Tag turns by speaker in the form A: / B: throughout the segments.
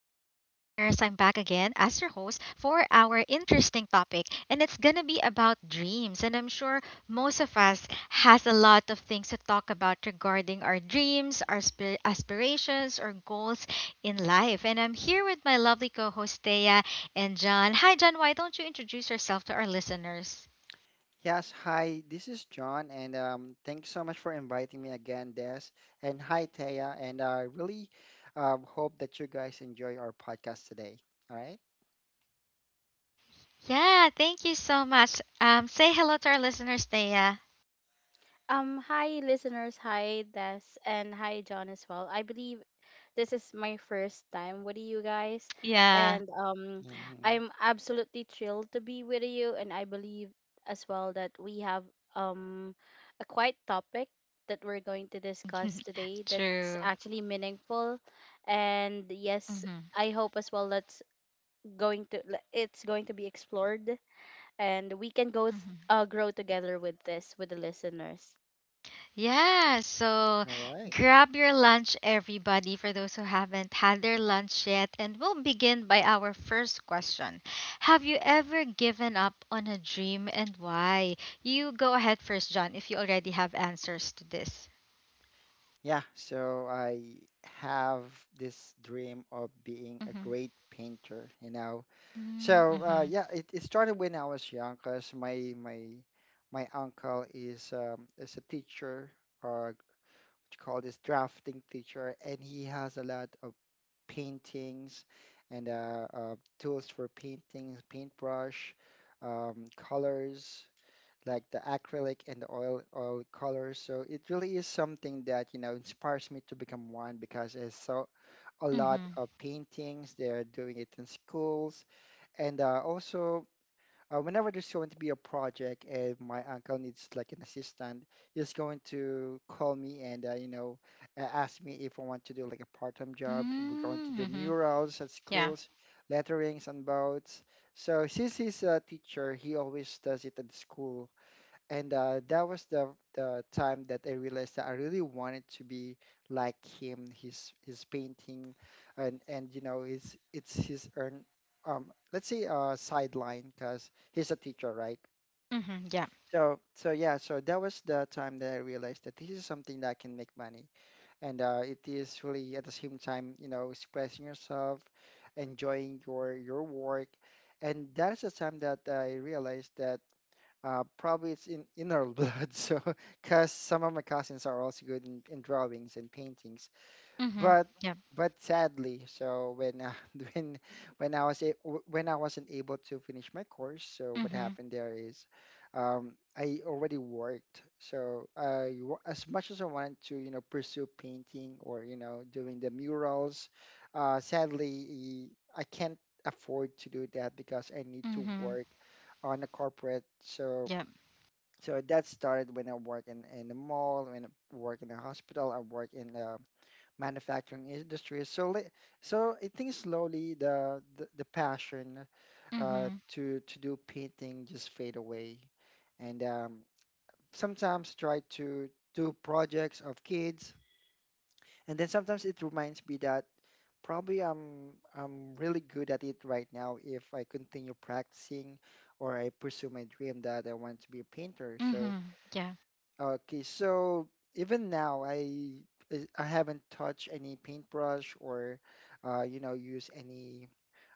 A: again as your host for our interesting topic, and it's gonna be about dreams. And I'm sure most of us has a lot of things to talk about regarding our dreams, our aspirations, or goals in life. And I'm here with my lovely co-host Thea and John. Hi, John. Why don't you introduce yourself to our listeners?
B: Yes, hi, this is John, and thanks so much for inviting me again, Des. And hi, Taya, and I really hope that you guys enjoy our podcast today. All right.
A: Yeah, thank you so much. Say hello to our listeners, Thea.
C: Hi listeners, hi Des, and hi John as well. I believe this is my first time with you guys,
A: Yeah.
C: and
B: Right? Mhm.
C: I'm absolutely thrilled to be with you. And I believe as well that we have um a quite topic that we're going to discuss today that's
A: True.
C: actually meaningful, and yes,
A: hmm
C: I hope as well that's going to it's going to be explored, and we can
A: hmm
C: grow together with this with the listeners.
A: Yeah, so
B: All right.
A: grab your lunch, everybody, for those who haven't had their lunch yet. And we'll begin by our first question. Have you ever given up on a dream and why? You go ahead first, John, if you already have answers to this.
B: Yeah, so I have this dream of being a
A: Mm-hmm.
B: great painter. So
A: Mm-hmm.
B: yeah, it started when I was young, cause my uncle is a teacher, or what you call this drafting teacher, and he has a lot of paintings and tools for paintings, paintbrush, colors like the acrylic and the oil colors. So it really is something that inspires me to become one because I saw a lot
A: Mm-hmm.
B: of paintings. They are doing it in schools and also whenever there's going to be a project and my uncle needs like an assistant, he's going to call me and ask me if I want to do like a part-time job. We're going to
A: Mm-hmm.
B: do
A: Mm-hmm.
B: murals at
A: Yeah.
B: schools, letterings on boats. So since he's a teacher, he always does it at the school and that was the time that I realized that I really wanted to be like him. His painting, and you know his it's his earn let's say sideline because he's a teacher, right?
A: Mm-hmm. Yeah.
B: So yeah, so that was the time that I realized that this is something that can make money, and it is really at the same time expressing yourself, enjoying your work, and that is the time that I realized that. Probably it's in our blood, so because some of my cousins are also good in drawings and paintings.
A: Mm-hmm.
B: But
A: Yep.
B: but sadly, so when when when I wasn't able to finish my course, so what
A: Mm-hmm.
B: happened there is, I already worked. So as much as I wanted to, you know, pursue painting or doing the murals, sadly I can't afford to do that because I need to
A: Mm-hmm.
B: work on a corporate. So
A: Yep.
B: so that started when I work in the mall, when I work in a hospital, I work in the manufacturing industry. So I think slowly the passion uh,
A: Mm-hmm.
B: to do painting just fade away, and sometimes try to do projects of kids, and then sometimes it reminds me that probably I'm really good at it right now if I continue practicing or I pursue my dream that I want to be a painter. So
A: Mm-hmm. Yeah.
B: okay, so even now, I haven't touched any paintbrush or, use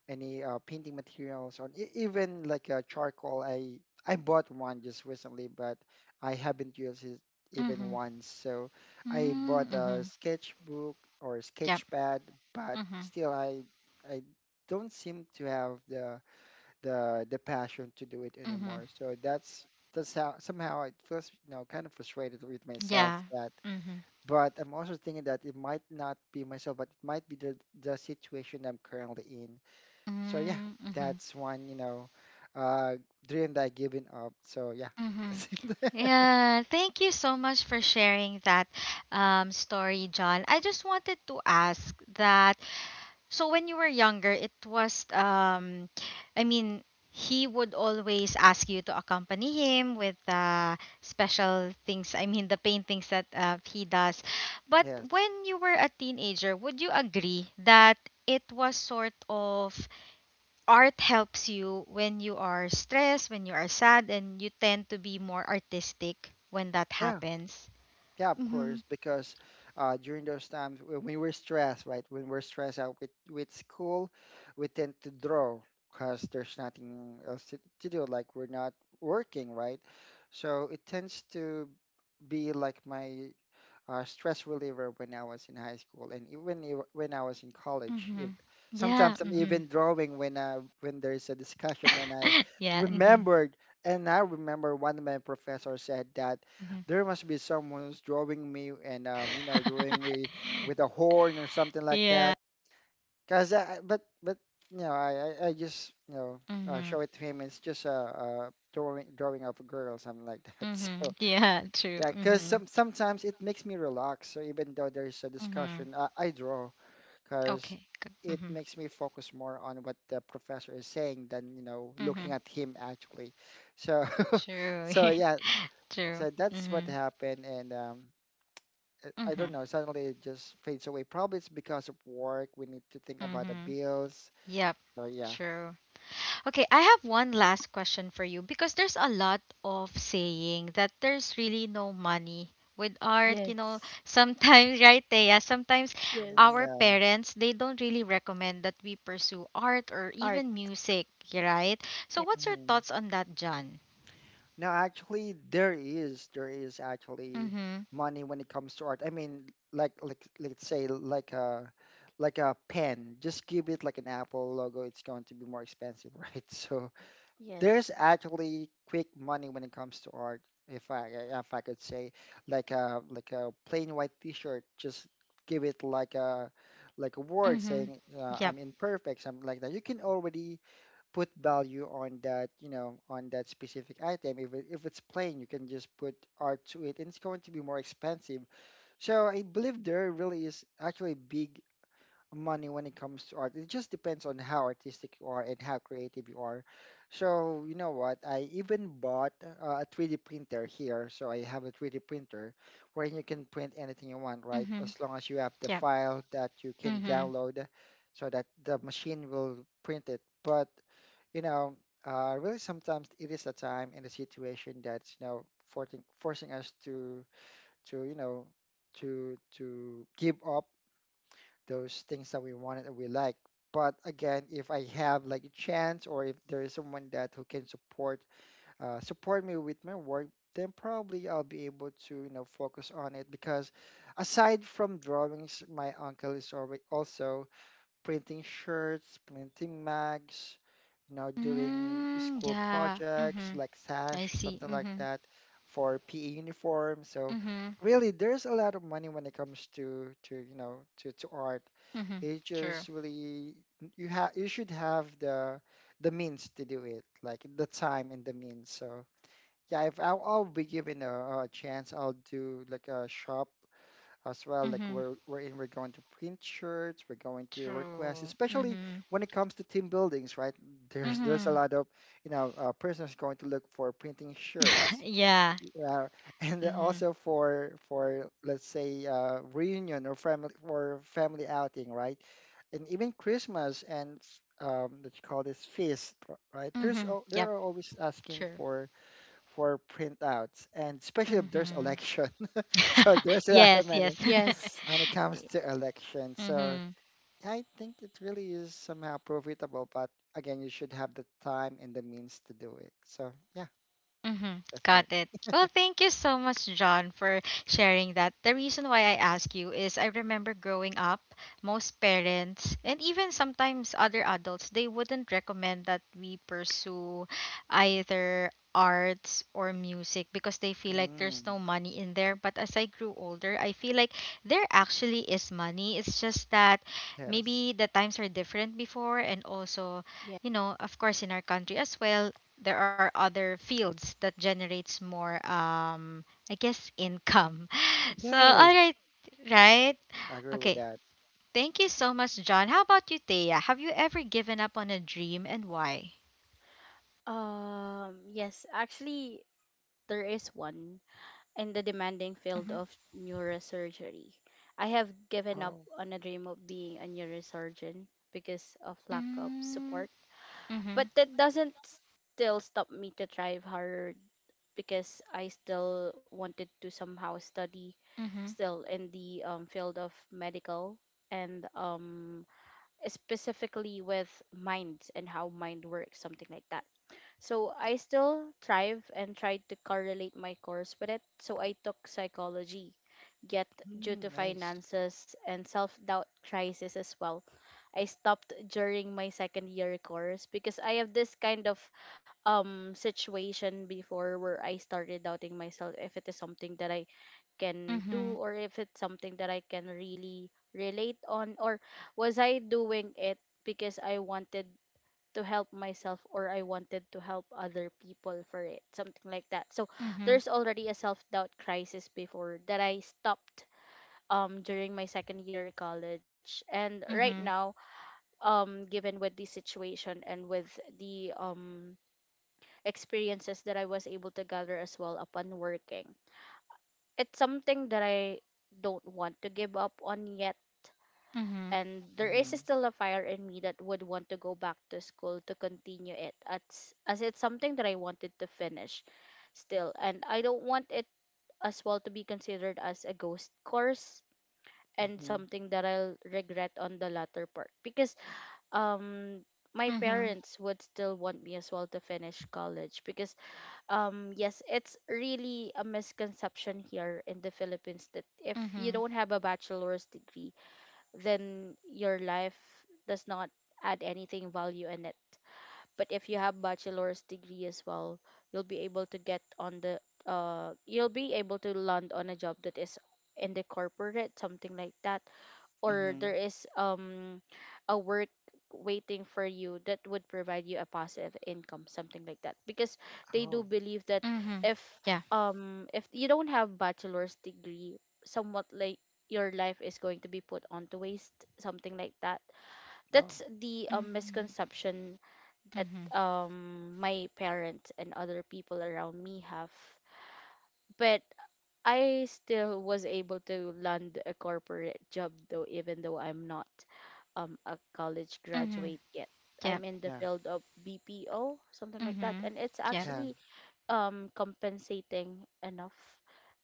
B: any painting materials or even like charcoal. I bought one just recently, but I haven't used it even
A: Mm-hmm.
B: once. So I
A: Mm,
B: bought a
A: mhm.
B: sketchbook or
A: Yep.
B: sketch pad, but
A: Mhm.
B: still I don't seem to have the passion to do it
A: Mhm.
B: anymore. So that's how somehow I feel kind of frustrated with
A: Yeah.
B: myself that.
A: Mhm.
B: But I'm also thinking that it might not be myself, but it might be the situation I'm currently in. So yeah,
A: Mm, mhm.
B: that's one uh dream that I given up. So yeah,
A: Mhm.
B: that's it.
A: Yeah, thank you so much for sharing that story, John. I just wanted to ask that. So when you were younger, it was I mean, he would always ask you to accompany him with special things. I mean, the paintings that he does. But when
B: Yes,
A: you were a teenager, would you agree that it was sort of art helps you when you are stressed, when you are sad, and you tend to be more artistic when that
B: yeah.
A: happens?
B: Yeah, of
A: Mm-hmm.
B: course, because during those times when we were stressed, right? When we're stressed out with school, we tend to draw because there's nothing else to do. Like we're not working, right? So it tends to be like my stress reliever when I was in high school and even when I was in college. If,
A: Mm-hmm. Yeah.
B: sometimes I'm
A: Mm-hmm.
B: even drawing when there's a discussion and
A: Yeah. Mm-hmm.
B: remembered I remember one of my professors said that
A: Mm-hmm.
B: there must be someone who's drawing me and drawing me with a horn or something like
A: Yeah.
B: that. Cause I- but you know I just you know
A: Mhm.
B: show it to him. It's just a drawing of a girl something like that. So
A: Mhm. Yeah. True.
B: yeah, because
A: Mhm.
B: sometimes it makes me relax. So even though there's a
A: Mhm.
B: discussion, I draw because
A: Okay. Good.
B: it
A: Mhm.
B: makes me focus more on what the professor is saying than, you know, looking
A: Mhm.
B: at him actually. So,
A: True.
B: so yeah,
A: True.
B: so that's what
A: Mhm.
B: happened. And I don't
A: Mhm.
B: know, suddenly it just fades away. Probably it's because of work. We need to think about the
A: Mhm.
B: bills.
A: Yep.
B: So yeah.
A: True. Okay, I have one last question for you because there's a lot of saying that there's really no money with art,
C: Yes.
A: Sometimes, right, Thea, sometimes
B: Mhm,
C: Yes.
A: our
B: yeah.
A: parents, they don't really recommend that we pursue art or
C: Art.
A: even music, right? So
C: Yeah.
A: what's your
B: Mm-hmm.
A: thoughts on that, John?
B: No, actually, there is actually
A: Mm-hmm.
B: money when it comes to art. I mean, let's say like a pen. Just give it like an Apple logo. It's going to be more expensive, right? So there's
C: Yes.
B: actually quick money when it comes to art. If I could say like a plain white T-shirt, just give it like a word
A: Mm-hmm.
B: saying
A: Yep.
B: I'm imperfect, something like that. You can already put value on that, you know, on that specific item. If it's plain, you can just put art to it, and it's going to be more expensive. So I believe there really is actually big money when it comes to art. It just depends on how artistic you are and how creative you are. So you know what? I even bought a 3D printer here. So I have a 3D printer where you can print anything you want, right?
A: Mm-hmm.
B: As long as you have the
A: Yep.
B: file that you can
A: Mm-hmm.
B: download so that the machine will print it. But you know, really sometimes it is a time and a situation that's, you know, forcing us to to you know to give up those things that we wanted and we like. But again, if I have like a chance or if there is someone that who can support support me with my work, then probably I'll be able to focus on it because aside from drawings, my uncle is already also printing shirts, printing mags, you know, doing
A: Mm,
B: school
A: yeah.
B: projects
A: Mm-hmm.
B: like
A: I
B: sash,
A: see.
B: something like
A: Mm-hmm.
B: that for PE uniform. So
A: Mm-hmm.
B: really there's a lot of money when it comes to to art.
A: Mm-hmm.
B: It
A: True.
B: just really you have you should have the means to do it, like the time and the means. So yeah, if I'll, I'll be given a chance, I'll do like a shop as well. Like
A: Mm-hmm.
B: we're going to print shirts, we're going to request,
A: True.
B: especially
A: Mm-hmm.
B: when it comes to team buildings, right? There's a
A: Mm-hmm.
B: lot of prisoners going to look for printing shirts,
A: Yeah.
B: uh, and then
A: Mm-hmm.
B: also for let's say reunion or family outing, right? And even Christmas and that you call this feast, right?
A: Mm-hmm.
B: They
A: Yep.
B: are always asking
A: Sure.
B: for printouts, and especially if there's
A: Mm-hmm.
B: election. So there's a lot of
A: Yes. Yes.
B: many
C: Yes.
B: when it comes to election, so
A: Mm-hmm.
B: I think it really is somehow profitable, but again, you should have the time and the means to do it. So yeah,
A: Mm-hmm.
B: that's
A: Got
B: it.
A: it. Well, thank you so much, John, for sharing that. The reason why I ask you is I remember growing up, most parents and even sometimes other adults, they wouldn't recommend that we pursue either arts or music because they feel like there's
B: Mm,
A: no money in there. But as I grew older, I feel like there actually is money. It's just that
B: yes.
A: maybe the times are different before, and also
C: Yeah.
A: you know, of course, in our country as well, there are other fields that generates more income. So
B: Yes.
A: all right, right?
B: I agree with
A: Okay.
B: that.
A: Thank you so much, John. How about you, Thea? Have you ever given up on a dream and why?
C: Yes, actually, there is one in the demanding field
A: Mhm.
C: of neurosurgery. I have given up
B: Oh,
C: on a dream of being a neurosurgeon because of lack of support,
A: Mm,
C: but
A: mhm.
C: that doesn't still stop me to try hard, because I still wanted to somehow study
A: Mhm.
C: still in the field of medical, and specifically with minds and how mind works, something like that. So I still thrive and tried to correlate my course with it. So I took psychology, yet due
B: mm,
C: to
B: nice.
C: finances and self-doubt crisis as well, I stopped during my second year course, because I have this kind of situation before where I started doubting myself if it is something that I can do,
A: Mhm.
C: or if it's something that I can really relate on, or was I doing it because I wanted to help myself, or I wanted to help other people for it, something like that. So there's already a self-doubt crisis before that I stopped during my second year of college. And right
A: Mhm.
C: now, given with the situation and with the experiences that I was able to gather as well upon working, it's something that I don't want to give up on yet.
A: Mhm. Mhm.
C: And there is
B: Mm-hmm,
C: still a fire in me that would want to go back to school to continue it, as it's something that I wanted to finish still. And I don't want it as well to be considered as a ghost course, and
B: mm-hmm,
C: something that I'll regret on the latter part. Because um, my
A: Mhm.
C: parents would still want me as well to finish college, because yes, it's really a misconception here in the Philippines that if you
A: Mhm.
C: don't have a bachelor's degree, then your life does not add anything value in it. But if you have bachelor's degree as well, you'll be able to get on the you'll be able to land on a job that is in the corporate, something like that, or
B: mm-hmm.
C: there is a work waiting for you that would provide you a passive income, something like that, because they do
B: Oh,
C: believe that
A: Mhm.
C: if
A: Yeah.
C: if you don't have bachelor's degree, somewhat like your life is going to be put onto waste, something like that.
B: oh,
C: That's the
A: Mhm.
C: misconception that
A: Mhm.
C: my parents and other people around me have. But I still was able to land a corporate job, though, even though I'm not a college
A: Mhm.
C: graduate yet. I'm
A: Yep.
C: in the
B: yeah,
C: field of BPO, something like that,
A: Mhm.
C: and it's
A: Yep.
B: yeah,
C: actually compensating enough,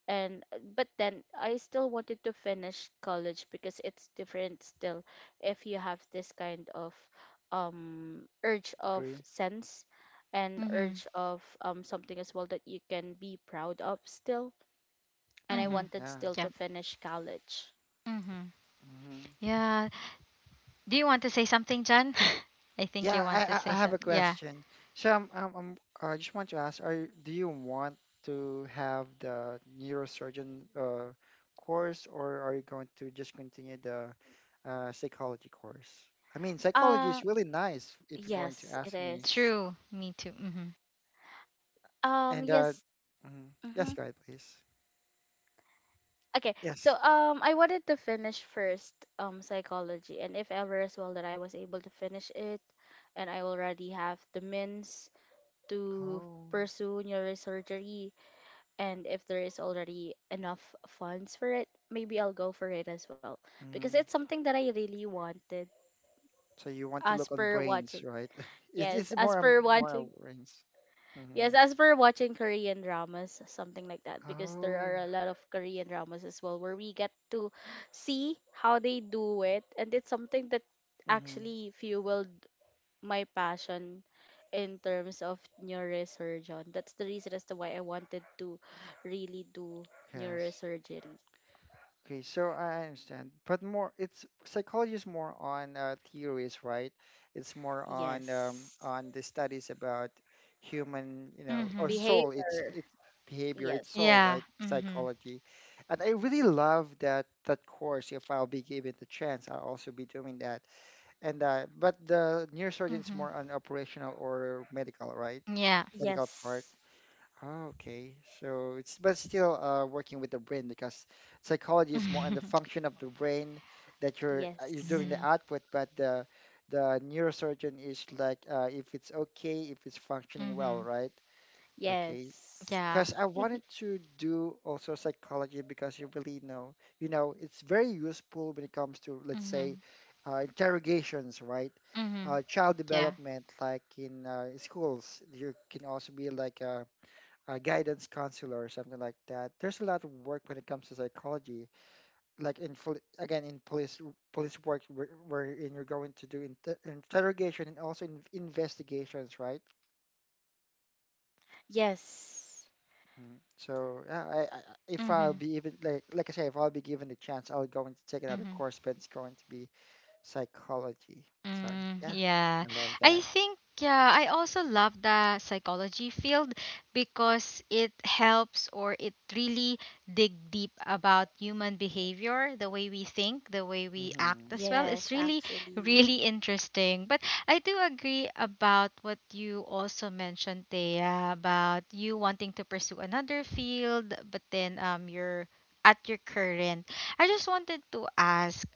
C: and but then I still wanted to finish college, because it's different still if you have this kind of urge of
B: agree.
C: sense and urge
A: Mhm.
C: of something as well that you can be proud of still, and I
B: Mm,
A: Mhm.
C: wanted
B: yeah.
C: still to
A: Yep.
C: finish college.
A: Mhm.
B: Mm-hmm.
A: Yeah. Do you want to say something, John? I think you
B: Yeah,
A: want to
B: I
A: say
B: have a
A: something. Yeah.
B: question. So I just want to ask, do you want to have the neurosurgeon course or are you going to just continue the psychology course? I mean, psychology
C: uh
B: is really nice if you're going to
C: yes, it
B: ask me.
C: is.
A: True. Me too. Mhm.
B: And
C: Yes.
B: mhm. Yes,
C: Mhm.
B: go ahead, please.
C: Okay, so
B: Yes.
C: I wanted to finish first psychology, and if ever as well that I was able to finish it, and I already have the means to
B: Oh.
C: pursue neurosurgery, and if there is already enough funds for it, maybe I'll go for it as well, because
B: Mhm.
C: it's something that I really wanted.
B: So you want to
C: As
B: look on
C: per
B: brains,
C: watching,
B: right? Is
C: yes,
B: it's
C: as per
B: more on
C: watching
B: brains. Hmm.
C: yes, as for watching Korean dramas, something like that, because there are
B: Oh.
C: a lot of Korean dramas as well where we get to see how they do it, and it's something that
B: Hmm.
C: actually fueled my passion in terms of neurosurgeon. That's the reason as to why I wanted to really do
B: Yes.
C: neurosurgery.
B: Okay, so I understand, but more it's psychology is more on theories, right? It's more
C: Yes.
B: on the studies about human, you know, or
A: Mhm.
B: soul. It's
C: Behavior.
B: it's behavior, it's
C: Yes.
B: soul,
A: Yeah.
B: right?
A: Mhm.
B: Psychology, and I really love that course. If I'll be given the chance, I'll also be doing that. And but the neurosurgeon is
A: Mhm.
B: more on operational or medical, right?
A: Yeah.
B: Medical part.
C: Yes.
B: Oh, okay, so it's but still working with the brain because psychology is more on the function of the brain that you're
C: Yes.
B: doing the
A: Mhm.
B: output, but the neurosurgeon is like if it's okay, if it's functioning well,
A: Mhm.
B: right? Okay,
C: Yes.
A: Yeah.
B: because I wanted to do also psychology because you really know it's very useful when it comes to let's say
A: Mhm.
B: interrogations, right?
A: Mhm.
B: Child
A: Yeah.
B: development, like in schools, you can also be like a guidance counselor or something like that. There's a lot of work when it comes to psychology, like in poli- again in police work wherein you're going to do interrogation and also in investigations, right?
C: Yes.
B: Mhm. So yeah, if I'll
A: Mhm.
B: be even like I say, if I'll be given the chance, I'll go and take another
A: Mhm.
B: course, but it's going to be psychology. So
A: Mm,
B: yeah,
A: yeah.
B: I love
A: I
B: that.
A: think yeah, I also love the psychology field because it helps, or it really dig deep about human behavior, the way we think, the way we act
B: Hmm.
A: as well.
C: Yes,
A: It's really
C: actually.
A: really interesting. But I do agree about what you also mentioned Thea, about you wanting to pursue another field, but then you're at your current. I just wanted to ask,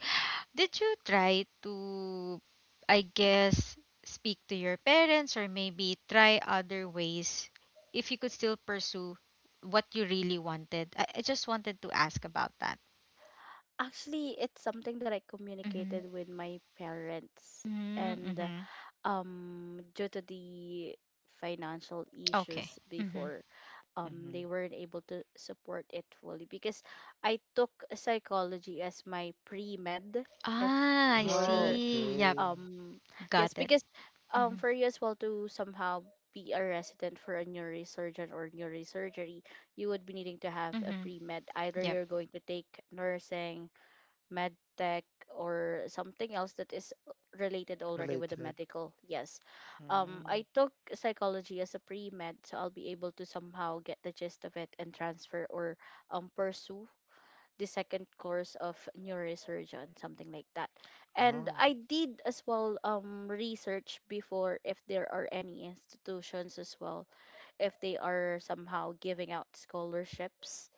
A: did you try to, I guess, speak to your parents or maybe try other ways if you could still pursue what you really wanted? I just wanted to ask about that.
C: Actually, it's something that I
A: Mm-hmm.
C: communicated with my parents, and
A: Mm-hmm.
C: due to the financial issues
A: Okay. Mm-hmm.
C: before,
B: Hmm.
C: they weren't able to support it fully because I took psychology as my pre med. If
A: Ah, I
B: Oh,
C: you're
A: see. Yep.
B: okay,
C: um, yes,
A: Got it.
C: because
A: Mm-hmm.
C: for you as well to somehow be a resident for a neurosurgeon or neurosurgery, you would be needing to have a
A: Mm-hmm.
C: pre med. Either
A: Yep.
C: you're going to take nursing, med tech, or something else that is related already with the
B: related.
C: medical. Yes.
B: Mm.
C: I took psychology as a pre-med, so I'll be able to somehow get the gist of it and transfer or pursue the second course of neurosurgeon, something like that. And
B: Oh.
C: I did as well research before if there are any institutions as well, if they are somehow giving out scholarships,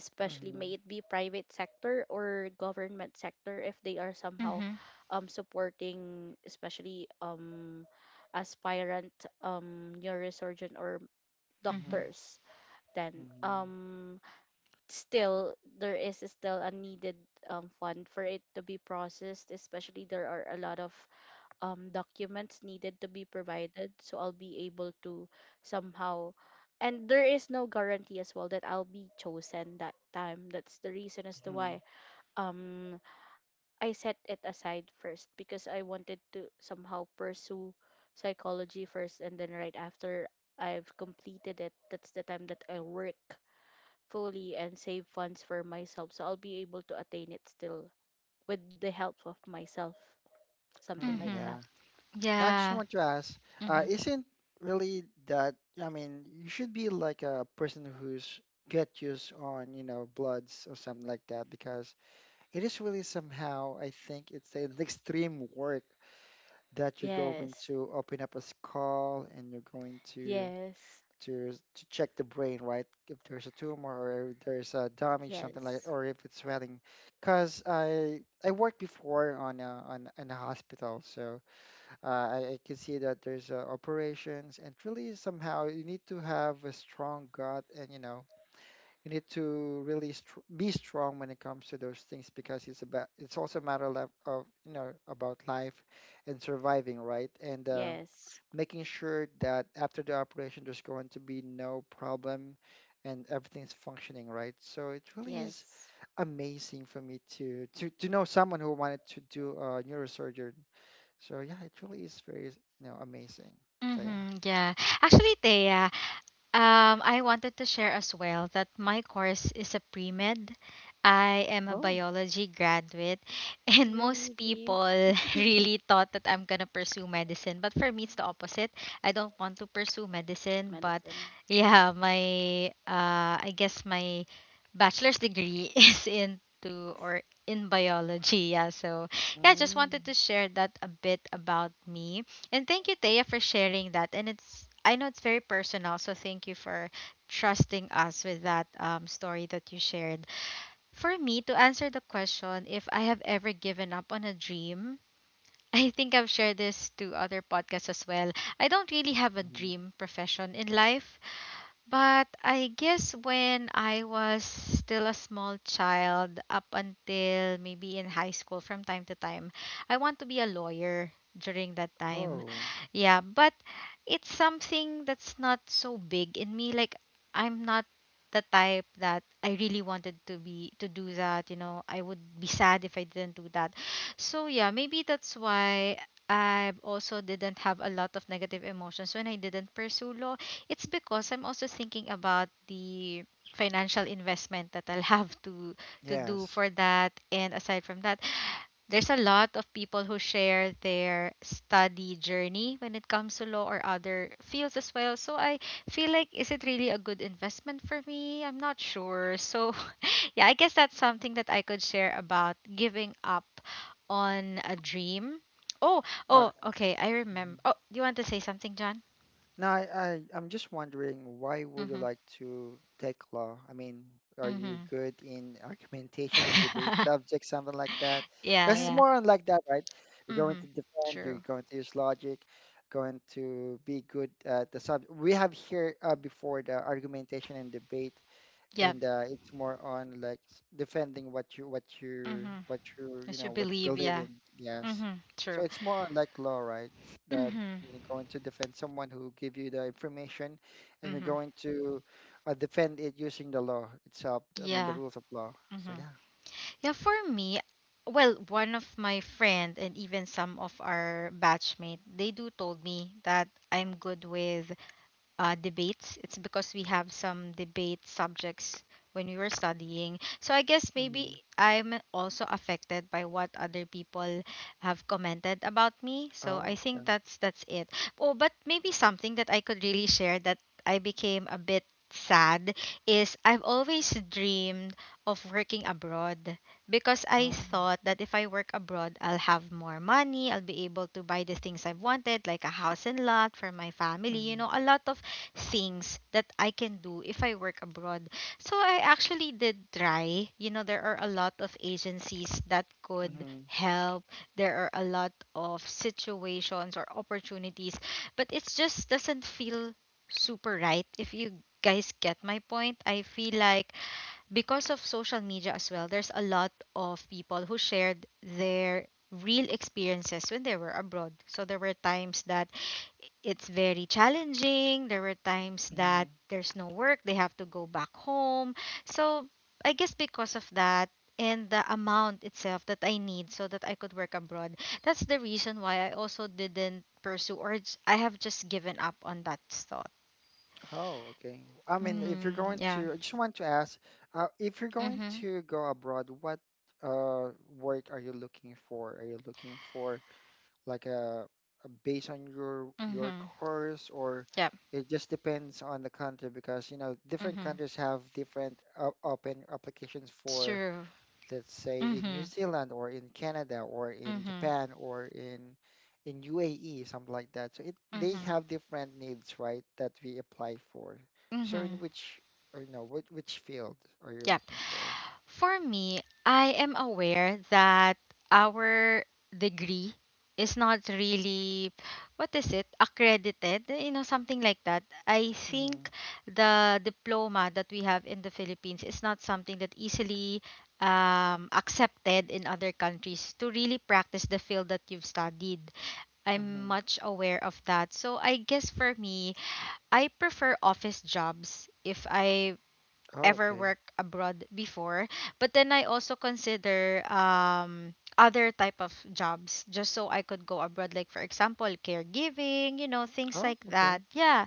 C: especially
B: Mm-hmm.
C: may it be private sector or government sector, if they are somehow
A: Mm-hmm.
C: supporting especially aspirant neurosurgeon or
A: Mm-hmm.
B: Mm-hmm.
C: doctors, then
B: Mm-hmm.
C: um, still there is still a needed fund for it to be processed, especially there are a lot of documents needed to be provided. So I'll be able to somehow, and there is no guarantee as well that I'll be chosen that time. That's the reason as to
B: Mm-hmm.
C: why um, I set it aside first, because I wanted to somehow pursue psychology first, and then right after I've completed it, that's the time that I work fully and save funds for myself. So I'll be able to attain it still with the help of myself, something
B: Mm,
C: like
A: Mm-hmm.
C: that.
B: yeah. I just
A: Yeah.
B: want to ask,
A: Mm-hmm.
B: isn't really that, I mean, you should be like a person who's get used on, you know, bloods or something like that, because it is really somehow, I think it's an extreme work that you're going
C: Yes.
B: to open up a skull and you're going to
C: Yes,
B: to check the brain, right? If there's a tumor or if there's a damage, something like,
C: yes,
B: or if it's swelling. Because I worked before on in a hospital, so. I can see that there's operations, and really somehow you need to have a strong gut, and you know you need to really str be strong when it comes to those things because it's about it's also a matter of you know about life and surviving, right? And
C: yes,
B: making sure that after the operation there's going to be no problem and everything's functioning right. So it really is
C: yes.
B: amazing for me to to know someone who wanted to do neurosurgery, so yeah, it really is very, you know, amazing. So yeah.
A: Mm-hmm. Yeah. Actually, Thea, I wanted to share as well that my course is a pre med. I am a
B: Oh.
A: biology graduate, and most
C: Really?
A: people really thought that I'm gonna pursue medicine. But for me, it's the opposite. I don't want to pursue medicine, but
C: Medicine.
A: yeah, my my bachelor's degree is into or in biology. Yeah, so yeah, just wanted
B: Mm.
A: to share that a bit about me. And thank you, Taya, for sharing that. And it's I know it's very personal, so thank you for trusting us with that story that you shared. For me, to answer the question if I have ever given up on a dream, I think I've shared this to other podcasts as well. I don't really have a
B: Mhm.
A: dream profession in life. But I guess when I was still a small child, up until maybe in high school from time to time, I want to be a lawyer during that time.
B: Oh,
A: Yeah, but it's something that's not so big in me. Like, I'm not the type that I really wanted to be to do that, you know. I would be sad if I didn't do that. So, yeah, maybe that's why I also didn't have a lot of negative emotions when I didn't pursue law. It's because I'm also thinking about the financial investment that I'll have to do
B: yes.
A: for that. And aside from that, there's a lot of people who share their study journey when it comes to law or other fields as well. So I feel like is it really a good investment for me? I'm not sure. So yeah, I guess that's something that I could share about giving up on a dream. Oh,
B: Uh,
A: oh, okay. I remember.
B: mhm.
A: Oh, do you want to say something, John?
B: Now I'm just wondering why would you
A: Mm-hmm.
B: like to take law? I mean, are you
A: Mm-hmm.
B: good in argumentation and debate subjects, something like that?
A: Yeah,
B: Because it's
A: yeah.
B: more on like that, right? You're going to
A: Mhm.
B: defend, you're
A: True.
B: going to use logic, going to be good at the sub. We have here before the argumentation and debate,
A: Yeah.
B: and it's more on like defending what you what you
A: Mhm.
B: what you
A: I
B: you know
A: should
B: what you
A: believe,
B: believe
A: yeah.
B: in. Yes,
A: Mhm.
B: so
A: True.
B: it's more on like law, right? That
A: Mhm.
B: you're going to defend someone who give you the information, and you're
A: Mhm.
B: going to defend it using the law itself. I mean the
A: Yeah.
B: rules of law. So
A: Mhm.
B: yeah.
A: Yeah, for me, well, one of my friend and even some of our batchmate, they do told me that I'm good with debates. It's because we have some debate subjects when we were studying. So I guess maybe
B: Hmm.
A: I'm also affected by what other people have commented about me. So I
B: Oh
A: think
B: yeah.
A: that's it. Oh, but maybe something that I could really share that I became a bit sad is I've always dreamed of working abroad because I
B: Oh.
A: thought that if I work abroad, I'll have more money, I'll be able to buy the things I wanted, like a house and lot for my family, you
B: Mm-hmm.
A: know, a lot of things that I can do if I work abroad. So I actually did try. You know, there are a lot of agencies that could
B: Mm-hmm.
A: help. There are a lot of situations or opportunities, but it just doesn't feel super right if you guys get my point. I feel like because of social media as well, there's a lot of people who shared their real experiences when they were abroad. So there were times that it's very challenging, there were times that there's no work, they have to go back home. So I guess because of that, and the amount itself that I need so that I could work abroad. That's the reason why I also didn't pursue I have just given up on that thought.
B: Oh, okay. I mean, if you're
A: Mm,
B: going
A: yeah.
B: to, I just want to ask, if you're going
A: Mhm.
B: to go abroad, what uh work are you looking for? Are you looking for like a based on your
A: Mhm.
B: course, or
A: Yeah.
B: it just depends on the country because you know different
A: Mhm.
B: countries have different open applications for
A: True.
B: let's say in New
A: Mhm.
B: Zealand or in Canada or in
A: Mhm.
B: Japan or in UAE, something like that. So it they
A: Mhm.
B: have different needs, right, that we apply for. So in
A: Mhm.
B: which or you know which field are you
A: Yep.
B: looking for?
A: For me, I am aware that our degree is not really what is it accredited, you know, something like that. I
B: Mm-hmm.
A: think the diploma that we have in the Philippines is not something that easily accepted in other countries to really practice the field that you've studied. I'm
B: Mm-hmm.
A: much aware of that, so I guess for me I prefer office jobs if I
B: Oh,
A: ever
B: okay.
A: worked abroad before, but then I also consider other type of jobs just so I could go abroad, like for example caregiving, you know, things
B: Oh,
A: like that,
B: okay.
A: yeah.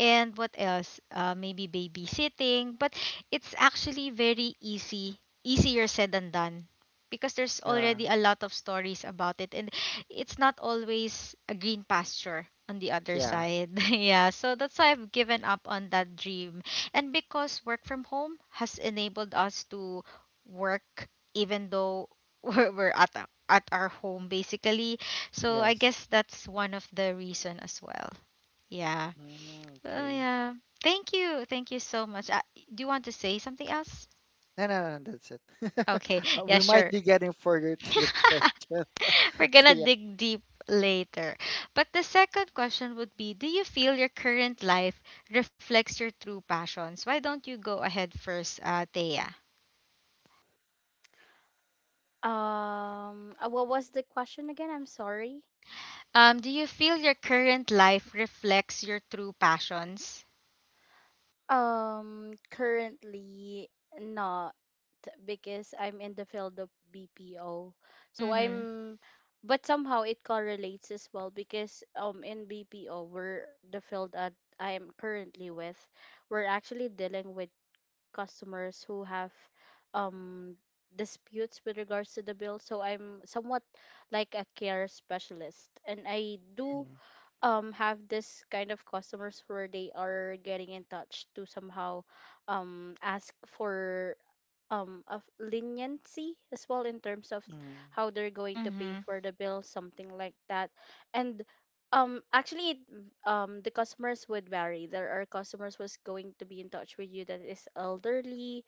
A: And what else, maybe babysitting, but it's actually very easy, easier said than done, because there's
B: Yeah,
A: already a lot of stories about it, and it's not always a green pasture on the other
B: yeah,
A: side. Yeah, so that's why I've given up on that dream, and because work from home has enabled us to work even though we're at at our home basically. So I
B: yes.
A: guess that's one of the reason as well. Yeah.
B: Mm,
A: Oh
B: okay.
A: yeah. Thank you. Thank you so much. Do you want to say something else?
B: No, no, no, that's it.
A: Okay. Yeah,
B: We might
A: sure.
B: be getting further to the question.
A: We're
B: So
A: gonna
B: yeah,
A: dig deep later. But the second question would be, do you feel your current life reflects your true passions? Why don't you go ahead first, Thea?
C: What was the question again? I'm sorry.
A: Do you feel your current life reflects your true passions?
C: Currently not, because I'm in the field of BPO. So
A: Mm-hmm.
C: I'm, but somehow it correlates as well, because in BPO we're the field that I'm currently with, we're actually dealing with customers who have um disputes with regards to the bill. So I'm somewhat like a care specialist, and I do have this kind of customers where they are getting in touch to somehow ask for of leniency as well in terms of
B: Mm-hmm.
C: how they're going to pay
A: Mm-hmm.
C: for the bill, something like that. And actually the customers would vary. There are customers who's going to be in touch with you that is elderly,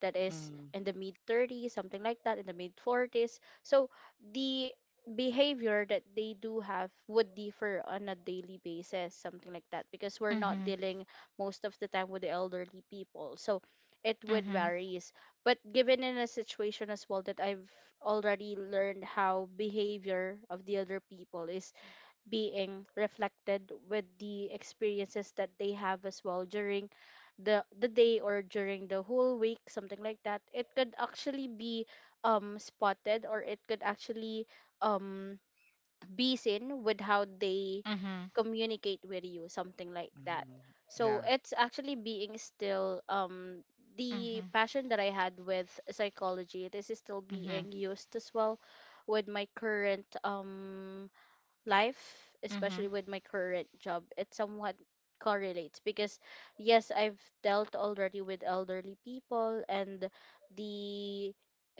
C: that is
B: Mm-hmm.
C: in the mid 30s, something like that, in the mid 40s. So the behavior that they do have would differ on a daily basis, something like that, because we're not
A: Mm-hmm.
C: dealing most of the time with the elderly people, so it would
A: Mm-hmm.
C: vary. But given in a situation as well that I've already learned how behavior of the other people is being reflected with the experiences that they have as well during the day or during the whole week, something like that, it could actually be spotted, or it could actually um in with how they
A: Mm-hmm.
C: communicate with you, something like that.
B: Mm-hmm.
C: So
B: Yeah.
C: it's actually being still the
A: Mm-hmm.
C: passion that I had with psychology, this is still
A: Mm-hmm.
C: being used as well with my current life,
A: Mm-hmm.
C: especially with my current job. It somewhat correlates because yes, I've dealt already with elderly people, and the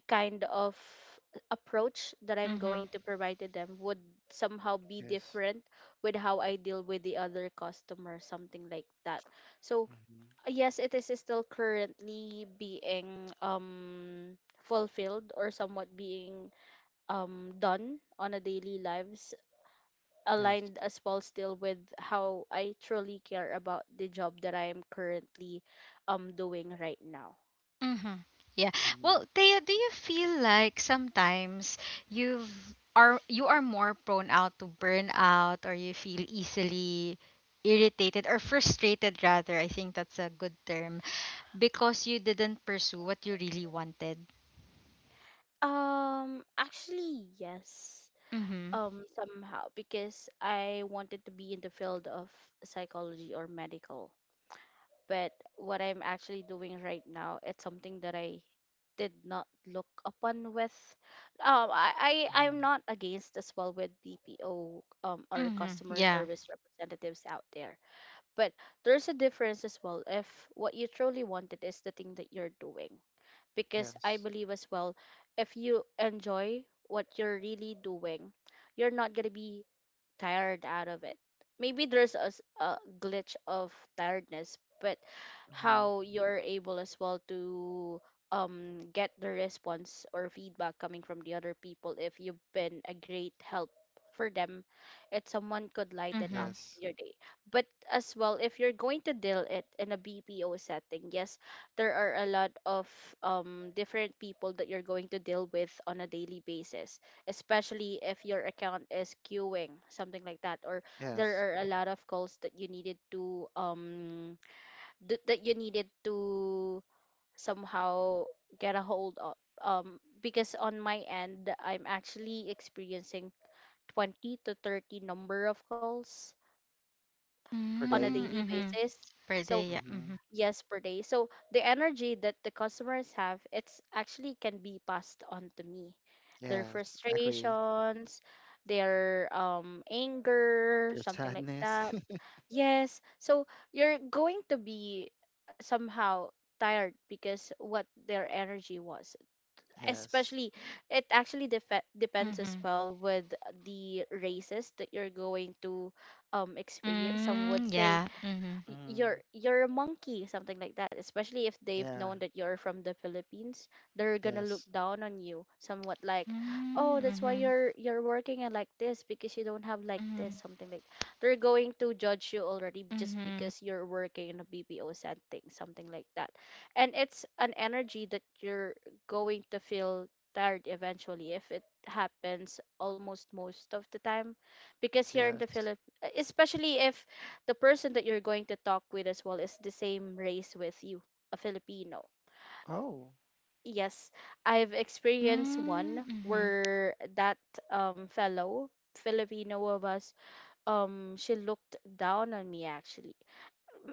C: kind of approach that I'm
A: Mm-hmm.
C: going to provide to them would somehow be
B: Yes.
C: different with how I deal with the other customer, something like that. So
B: Hmm.
C: yes, it is still currently being fulfilled or somewhat being done on a daily lives,
B: Yes.
C: aligned as well still with how I truly care about the job that I am currently doing right now.
A: Mm-hmm. Yeah.
B: Hmm.
A: Well, Thea, do you feel like sometimes you are more prone out to burn out, or you feel easily irritated or frustrated rather, I think that's a good term, because you didn't pursue what you really wanted.
C: Actually, yes.
A: Mm-hmm.
C: Somehow, because I wanted to be in the field of psychology or medical. But what I'm actually doing right now, it's something that I did not look upon with. I'm
B: Hmm.
C: not against as well with BPO or
A: Mm-hmm.
C: customer
A: Yeah.
C: service representatives out there. But there's a difference as well if what you truly wanted is the thing that you're doing, because I
B: Yes.
C: believe as well, if you enjoy what you're really doing, you're not going to be tired out of it. Maybe there's a glitch of tiredness, but
B: Hmm.
C: how you're able as well to get the response or feedback coming from the other people if you've been a great help for them, it's someone could lighten
A: Mm-hmm,
C: up
B: Yes.
C: your day. But as well, if you're going to deal it in a BPO setting, yes, there are a lot of different people that you're going to deal with on a daily basis, especially if your account is queuing, something like that, or there
B: Yes.
C: are a lot of calls that you needed to somehow get a hold of. Because on my end, I'm actually experiencing 20 to 30 number of calls
B: Per
C: on a
A: mm,
B: day.
C: daily
A: mhm.
C: basis.
A: Per
C: So
A: day, yeah. Mhm.
B: Hmm.
C: yes, per day, so the energy that the customers have, it's actually can be passed on to me, their
B: Yes. Agree.
C: frustrations, their anger,
B: There's
C: something like
B: sadness.
C: that. Yes, so you're going to be somehow tired because what their energy was,
B: Yes.
C: especially it actually depends as
A: Mhm.
C: well with the races that you're going to experience. Some would
A: Mm,
C: say,
A: yeah. Mhm.
C: y-
B: Mm.
C: you're you're a monkey, something like that, especially if they've
B: Yeah.
C: known that you're from the Philippines. They're gonna look
B: Yes.
C: down on you, somewhat like,
A: Mm,
C: oh, that's why
A: mhm.
C: you're working at like this because you don't have like this,
A: Mhm.
C: something like, they're going to judge you already just
A: Mhm.
C: because you're working in a BPO setting, something like that. And it's an energy that you're going to feel tired eventually if it happens almost most of the time, because here in the
B: Yes.
C: Philippines, especially if the person that you're going to talk with as well is the same race with you, a Filipino.
B: Oh.
C: Yes, I've experienced
A: Mm,
C: one
A: mhm.
C: where that fellow Filipino of us, she looked down on me actually.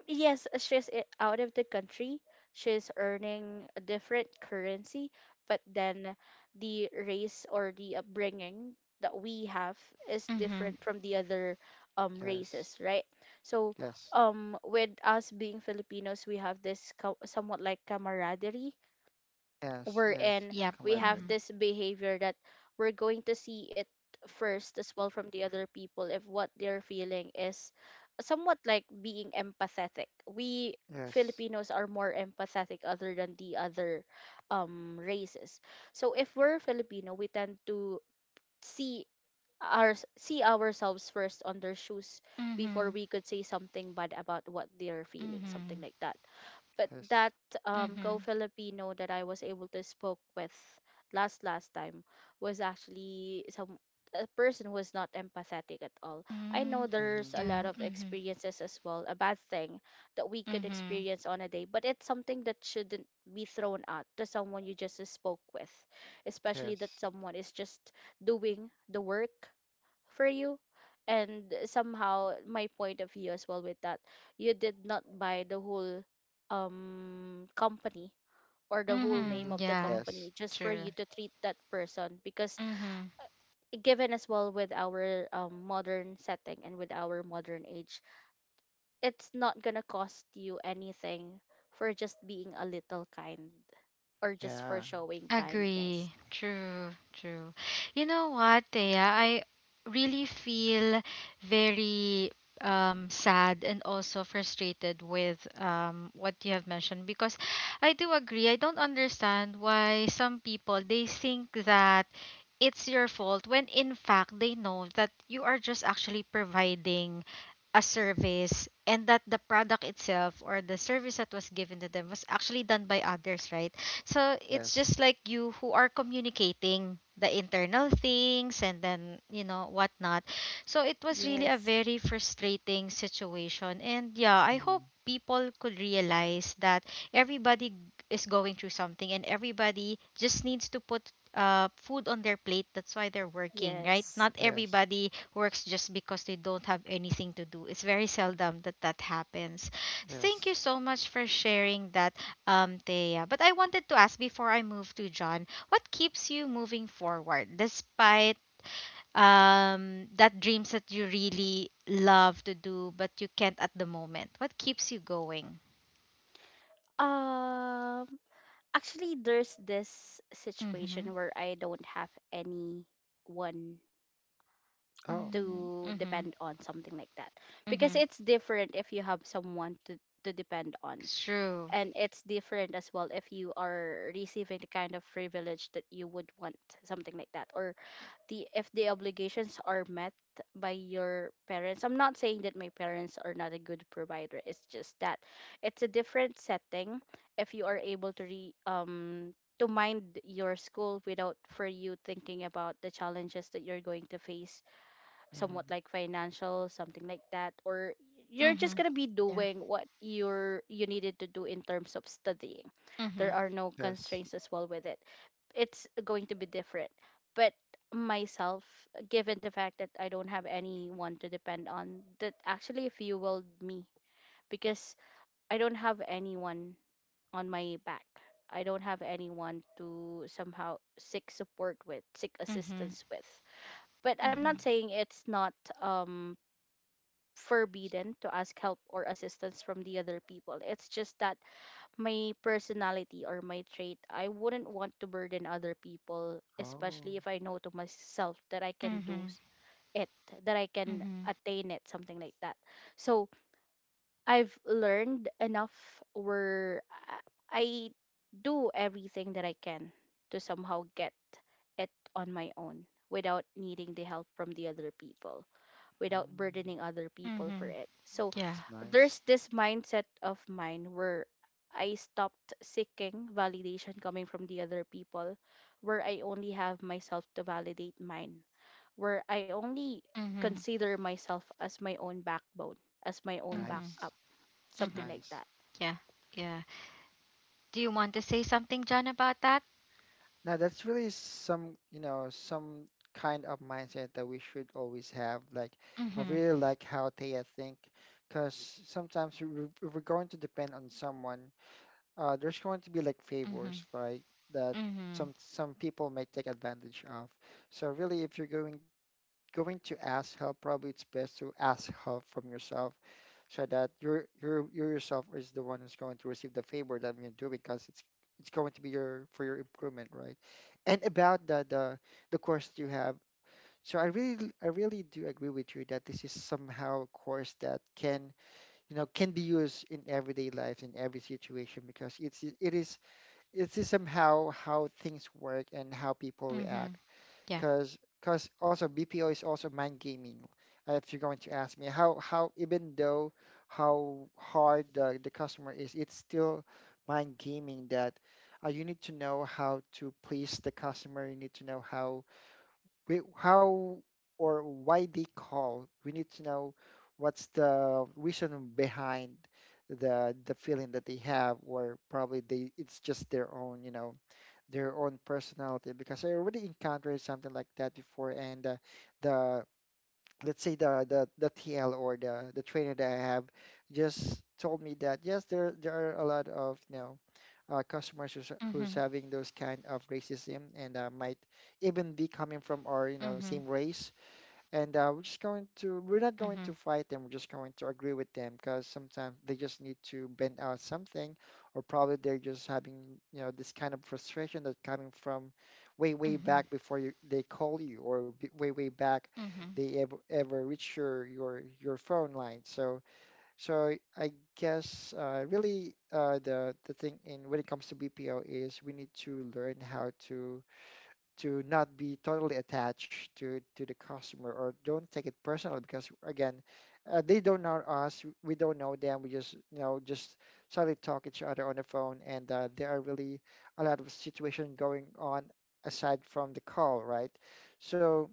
C: Yes, she's out of the country. She's earning a different currency, but then the race or the upbringing that we have is
A: Mhm.
C: different from the other
B: Yes.
C: races, right? So
B: Yes.
C: with us being Filipinos, we have this somewhat like camaraderie
B: Yes.
C: we're
B: Yes.
C: in.
A: Yep.
C: We
B: Camaraderie.
C: have
A: Mhm.
C: this behavior that we're going to see it first as well from the other people if what they're feeling is somewhat like being empathetic. We
B: Yes.
C: Filipinos are more empathetic other than the other races. So if we're Filipino, we tend to see see ourselves first on their shoes before
A: Mhm.
C: we could say something bad about what they're feeling, something
A: Mhm.
C: like that. But
B: Yes.
C: that
A: Mhm.
C: co-Filipino that I was able to spoke with last time was actually some a person who is not empathetic at all. I know
A: Mm,
C: there's
B: Mm-hmm.
C: a
A: yeah.
C: lot of
A: Mhm.
C: experiences as well, a bad thing that we could
A: Mhm.
C: experience on a day, but it's something that shouldn't be thrown out to someone you just spoke with, especially that
B: Yes.
C: someone is just doing the work for you. And somehow my point of view as well with that, you did not buy the whole company or the whole
B: Mm-hmm.
C: name
A: Mhm.
C: of the
A: Yeah.
C: company
B: Yes.
C: just for
A: True.
C: you to treat that person, because
A: Mhm.
C: given as well with our modern setting and with our modern age, it's not gonna cost you anything for just being a little kind or just for
B: Yeah.
C: showing kindness.
A: Agree. True, true. You know what, Thea? I really feel very sad and also frustrated with what you have mentioned because I do agree. I don't understand why some people they think that it's your fault when in fact they know that you are just actually providing a service and that the product itself or the service that was given to them was actually done by others, right? So it's
B: Yes.
A: just like you who are communicating the internal things and then, you know, whatnot. So it was really a
C: Yes.
A: very frustrating situation. And yeah, I hope
B: Mm-hmm.
A: people could realize that everybody is going through something and everybody just needs to put food on their plate. That's why they're working, right?
C: Yes.
A: Not
B: Yes.
A: everybody works just because they don't have anything to do. It's very seldom that that happens. Thank
B: Yes.
A: you so much for sharing that, Thea. But I wanted to ask before I move to John, what keeps you moving forward despite that dreams that you really love to do but you can't at the moment? What keeps you going?
C: um Actually, there's this situation
A: Mhm.
C: where I don't have anyone
B: Oh.
A: Mm,
C: to
A: mhm.
C: depend on, something like that, because
A: Mhm.
C: it's different if you have someone to depend on,
A: It's true.
C: and it's different as well if you are receiving the kind of privilege that you would want, something like that, or the if the obligations are met by your parents. I'm not saying that my parents are not a good provider, it's just that it's a different setting if you are able to re to mind your school without for you thinking about the challenges that you're going to face,
B: Mm-hmm.
C: somewhat like financial, something like that, or you're just
A: Mhm.
C: gonna be
A: Yeah.
C: doing what you needed to do in terms of studying.
A: Mhm.
C: There are no
B: Yes.
C: constraints as well with it. It's going to be different. But myself, given the fact that I don't have anyone to depend on, that actually fueled me because I don't have anyone on my back. I don't have anyone to somehow seek support with, seek
A: Mhm.
C: assistance with. But I'm
A: Mhm.
B: Mm-hmm.
C: not saying it's not um forbidden to ask help or assistance from the other people. It's just that my personality or my trait, I wouldn't want to burden other people,
B: Oh.
C: especially if I know to myself that I can
A: Mhm.
C: it, that I can
A: Mhm.
C: attain it, something like that. So I've learned enough where I do everything that I can to somehow get it on my own without needing the help from the other people, without
B: Mm,
C: burdening other people for
A: Mhm.
C: it. So
A: Yeah.
B: that's
C: there's
B: nice.
C: this mindset of mine where I stopped seeking validation coming from the other people, where I only have myself to validate mine, where I only
A: Mhm.
C: consider myself as my own backbone, as my own
A: Mhm.
B: Nice.
C: backup,
B: It's
C: something
A: Mhm.
C: like
B: nice.
C: that.
A: Yeah. Yeah. Do you want to say something, John, about that?
B: Now that's really some, you know, some kind of mindset that we should always have. Like, I
A: Mhm.
B: really like how Taya think, because sometimes if we're going to depend on someone, there's going to be like
A: Mhm.
B: favors, like that,
A: Mm-hmm.
B: some people may take advantage of. So really, if you're going to ask help, probably it's best to ask help from yourself so that you yourself is the one who's going to receive the favor that you're doing because it's going to be your for your improvement, right? And about the course that you have, so I really do agree with you that this is somehow a course that can you know can be used in everyday life in every situation because it is somehow how things work and how people
A: Mm-hmm.
B: react
A: Yeah.
B: because also BPO is also mind gaming. If you're going to ask me how even though how hard the customer is, it's still mind gaming that you need to know how to please the customer. You need to know how we how or why they call. We need to know what's the reason behind the feeling that they have, or probably they it's just their own, you know their own personality because I already encountered something like that before, and the let's say the TL or the trainer that I have just told me that yes there there are a lot of you know customers who's
A: Mm-hmm.
B: having those kind of racism, and might even be coming from our you know
A: Mm-hmm.
B: same race, and we're just going to we're not going
A: Mm-hmm.
B: to fight them, we're just going to agree with them because sometimes they just need to bend out something or probably they're just having you know this kind of frustration that's coming from way
A: Mm-hmm.
B: back before you they call you or b- way way back
A: Mm-hmm.
B: they ever reach your your phone line. So I guess really the thing in when it comes to BPO is we need to learn how to not be totally attached to the customer or don't take it personal because again they don't know us, we don't know them, we just you know just suddenly talk each other on the phone, and there are really a lot of situation going on aside from the call, right? So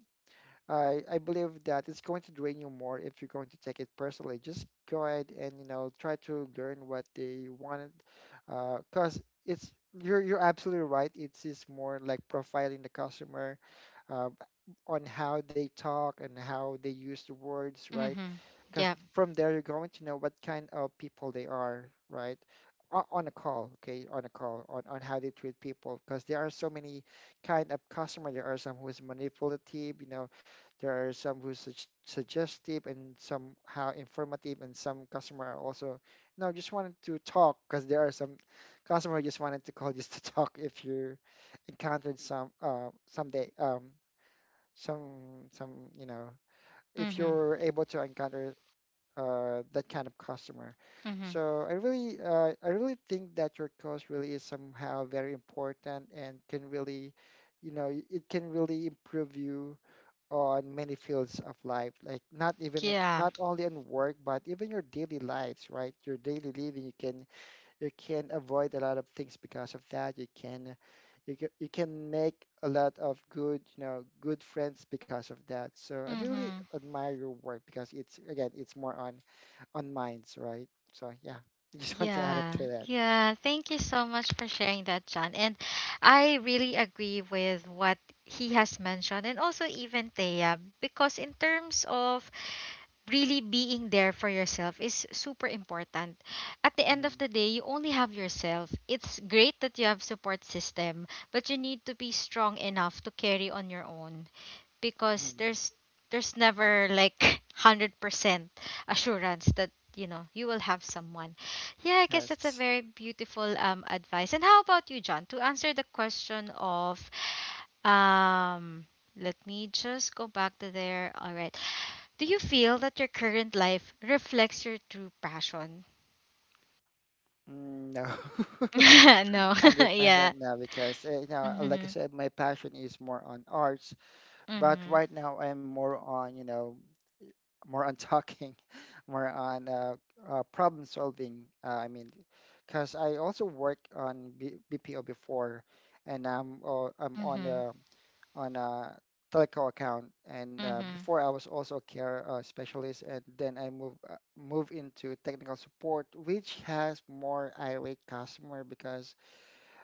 B: I believe that it's going to drain you more if you're going to take it personally. Just go ahead and you know try to learn what they wanted, because it's you're absolutely right. It's is more like profiling the customer uh, on how they talk and how they use the words, right?
A: Mm-hmm.
B: Because
A: Yep.
B: from there you're going to know what kind of people they are, right? On a call, okay, on a call, on how they treat people, because there are so many kind of customer. There are some who's manipulative, you know, there are some who's suggestive and some how informative, and some customer are also, no, just wanted to talk, because there are some customer who just wanted to call just to talk. If you encountered some, someday, you know, if
A: Mm-hmm.
B: you're able to encounter that kind of customer.
A: Mm-hmm.
B: So I really think that your course really is somehow very important and can really, you know, it can really improve you on many fields of life. Like not even
A: Yeah.
B: not only on work, but even your daily lives, right? Your daily living, you can avoid a lot of things because of that. You can. You can make a lot of good, you know, good friends because of that. So I really
A: Mm-hmm.
B: admire your work because it's again, it's more on minds, right? So yeah, just want to add up
A: Yeah.
B: to that.
A: Yeah. Thank you so much for sharing that, John. And I really agree with what he has mentioned and also even Thea, because in terms of really being there for yourself is super important. At the end of
B: Hmm.
A: the day, you only have yourself. It's great that you have support system, but you need to be strong enough to carry on your own because
B: Mm-hmm.
A: there's never like 100% assurance that you know you will have someone. Yeah, I guess that's a
B: Yes.
A: very beautiful advice. And how about you, John? To answer the question of um let me just go back to there. All right. Do you feel that your current life reflects your true passion?
B: Mm, no,
A: No.
B: hundred
A: Yeah.
B: percent no, because you know, like I
A: Mhm.
B: said, my passion is more on arts, but
A: Mhm.
B: right now I'm more on you know more on talking, more on problem solving. I mean, because I also worked on B BPO before, and I'm on
A: Mhm.
B: a telco account. And
A: Mhm.
B: before I was also a care specialist, and then I move into technical support, which has more irate customer because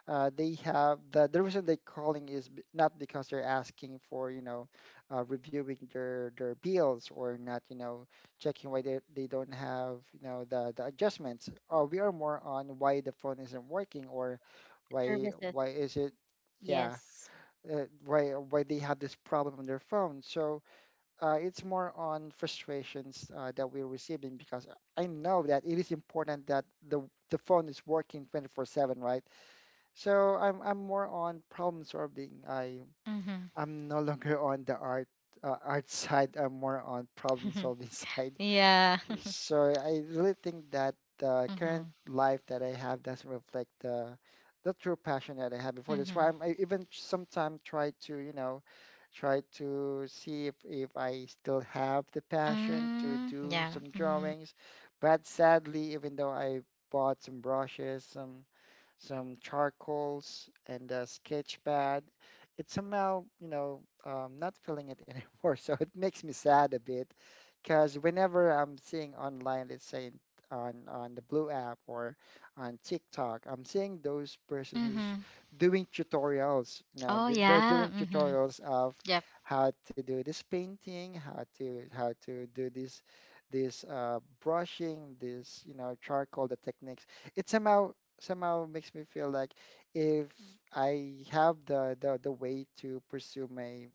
B: they have the reason they're calling is not because they're asking for you know reviewing their bills or not you know checking why they don't have you know the adjustments. Or we are more on why the phone isn't working or why
C: Services.
B: why is it yeah,
C: Yes.
B: uh, why why they have this problem on their phone. So it's more on frustrations that we're receiving because I know that it is important that the phone is working 24/7, right? So I'm more on problem solving. I
A: Mhm.
B: I'm no longer on the art art side. I'm more on problem solving side.
A: Yeah.
B: So I really think that the current
A: Mhm.
B: life that I have doesn't reflect the true passion that I had before. That's why
A: Mhm.
B: I even sometimes try to, you know, try to see if I still have the passion to
A: Mm,
B: do
A: yeah.
B: some
A: Mhm.
B: drawings. But sadly, even though I bought some brushes, some charcoals and a sketch pad. It's somehow, you know, not feeling it anymore. So it makes me sad a bit because whenever I'm seeing online, let's say on the Blue app or on TikTok, I'm seeing those persons who's
A: Mhm.
B: doing tutorials. Now
A: Oh
B: they're
A: yeah.
B: doing
A: Mhm.
B: tutorials of
A: Yep.
B: how to do this painting, how to do this brushing, this charcoal, the techniques. It's somehow makes me feel like if I have the way to pursue my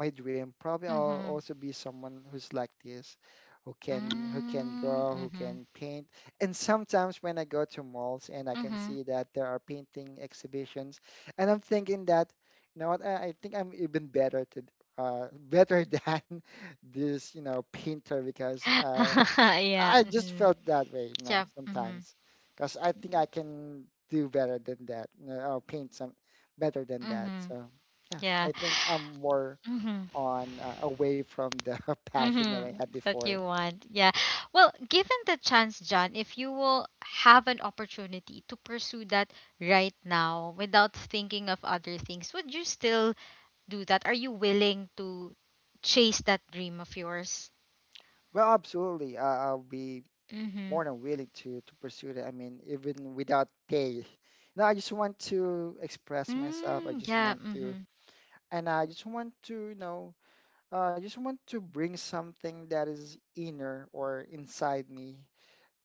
B: my dream, probably I'll
A: Mhm.
B: also be someone who's like this, who can
A: Mm,
B: draw, who
A: mhm.
B: can paint. And sometimes when I go to malls and I can
A: Mhm.
B: see that there are painting exhibitions, and I'm thinking that, you know what, I think I'm even better to better than this painter because
A: Yeah.
B: I just
A: Mhm.
B: felt that way,
A: Yep. Mhm.
B: sometimes, because I think I can do better than that, or paint some better than that.
A: Mhm.
B: So yeah,
A: Yeah.
B: I think I'm more
A: Mhm.
B: on away from the passion that
A: Mm-hmm.
B: I had
A: That
B: before.
A: you want. Yeah. Well, given the chance, John, if you will have an opportunity to pursue that right now without thinking of other things, would you still do that? Are you willing to chase that dream of yours?
B: Well, absolutely, I'll be
A: Mm-hmm.
B: more than willing to pursue that. I mean, even without pay. No, I just want to express myself. I
A: Mm,
B: just
A: yeah.
B: want to,
A: Mm-hmm.
B: And I just want to bring something that is inner or inside me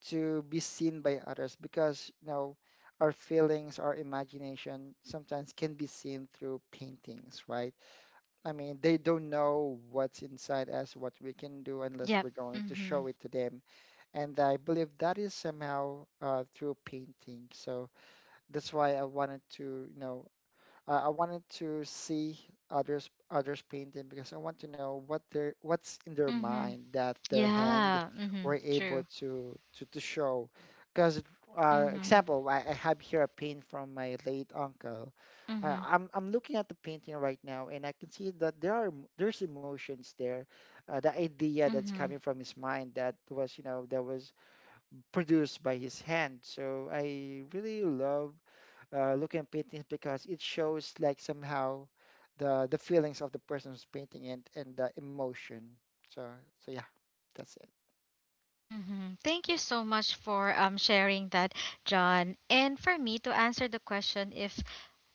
B: to be seen by others, because our feelings, our imagination sometimes can be seen through paintings, right? I mean, they don't know what's inside us, what we can do, unless
A: Yep.
B: we're going to
A: Mm-hmm.
B: show it to them. And I believe that is somehow, through painting. So that's why I wanted to see others painting, because I want to know what's in their
A: Mm-hmm.
B: mind that their hand
A: Yeah. Mm-hmm.
B: were able
A: True.
B: to show. Because
A: Mm-hmm.
B: example, I have here a paint from my late uncle.
A: Mm-hmm.
B: I'm looking at the painting right now, and I can see that there's emotions there, the idea that's
A: Mm-hmm.
B: coming from his mind that was produced by his hand. So I really love looking at paintings, because it shows like somehow the feelings of the person who's painting and the emotion. So so yeah, that's it.
A: Mm-hmm. Thank you so much for sharing that, John. And for me to answer the question if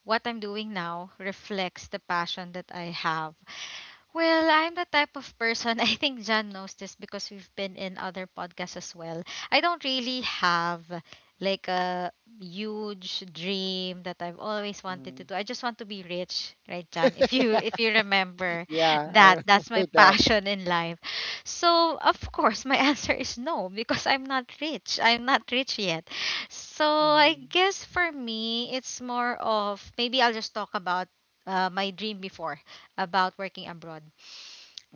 A: what I'm doing now reflects the passion that I have, well, I'm the type of person, I think John knows this because we've been in other podcasts as well. I don't really have like a huge dream that I've always wanted to
B: Hmm.
A: do. I just want to be rich, right, John? If you if you remember
B: Yeah, I
A: that, that's
B: remember
A: my
B: that.
A: passion in life. So, of course, my answer is no because I'm not rich. I'm not rich yet. So, I
B: Hmm.
A: guess for me, it's more of maybe I'll just talk about my dream before about working abroad.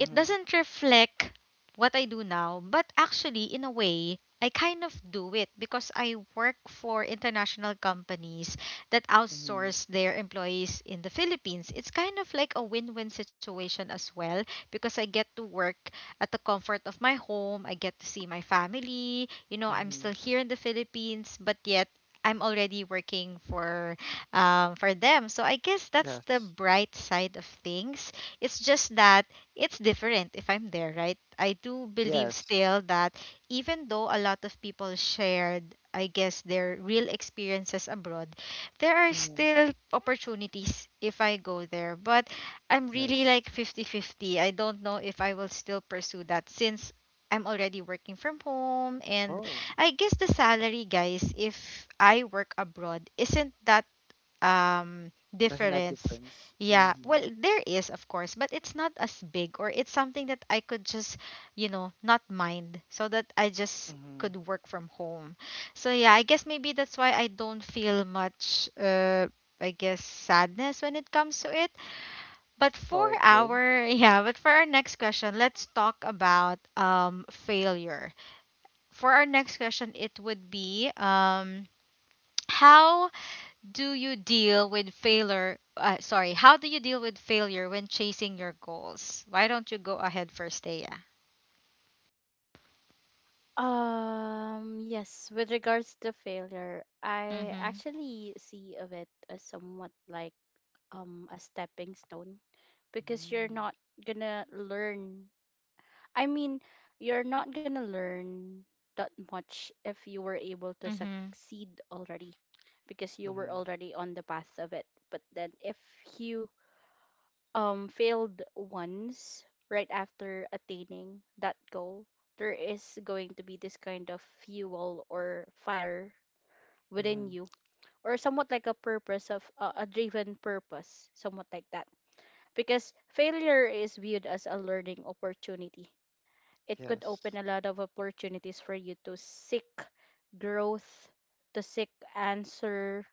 A: It doesn't reflect what I do now, but actually, in a way, I kind of do it because I work for international companies that
B: Hmm.
A: outsource their employees in the Philippines. It's kind of like a win win situation as well because I get to work at the comfort of my home. I get to see my family. You know, I'm
B: Hmm.
A: still here in the Philippines, but yet I'm already working for, for them. So I guess that's the
B: Yes,
A: bright side of things. It's just that it's different if I'm there, right? I do believe
B: yes.
A: still that even though a lot of people shared, I guess, their real experiences abroad, there are
B: Hmm.
A: still opportunities if I go there. But I'm really
B: Yes.
A: like 50-50. I don't know if I will still pursue that since I'm already working from home. And
B: Oh,
A: I guess the salary, guys, if I work abroad, isn't that
B: doesn't have
A: difference.
B: difference.
A: Yeah,
B: Hmm.
A: well, there is of course, but it's not as big or it's something that I could just, you know, not mind so that I just
B: Mm-hmm.
A: could work from home. So yeah, I guess maybe that's why I don't feel much, I guess, sadness when it comes to it. But for
B: Okay.
A: our yeah, but for our next question, let's talk about failure. For our next question it would be, how do you deal with failure? Sorry, how do you deal with failure when chasing your goals? Why don't you go ahead first, Thea?
C: Yes, with regards to failure, I
A: Mhm.
C: actually see of it as somewhat like a stepping stone because you're
B: Mm-hmm.
C: not gonna learn. I mean, you're not gonna learn that much if you were able to
A: Mhm.
C: succeed already, because you were already on the path of it. But then if you failed once right after attaining that goal, there is going to be this kind of fuel or fire within
B: Mm-hmm.
C: you, or somewhat like a purpose of a driven purpose, somewhat like that, because failure is viewed as a learning opportunity. It could
B: Yes,
C: open a lot of opportunities for you to seek growth, to seek answer,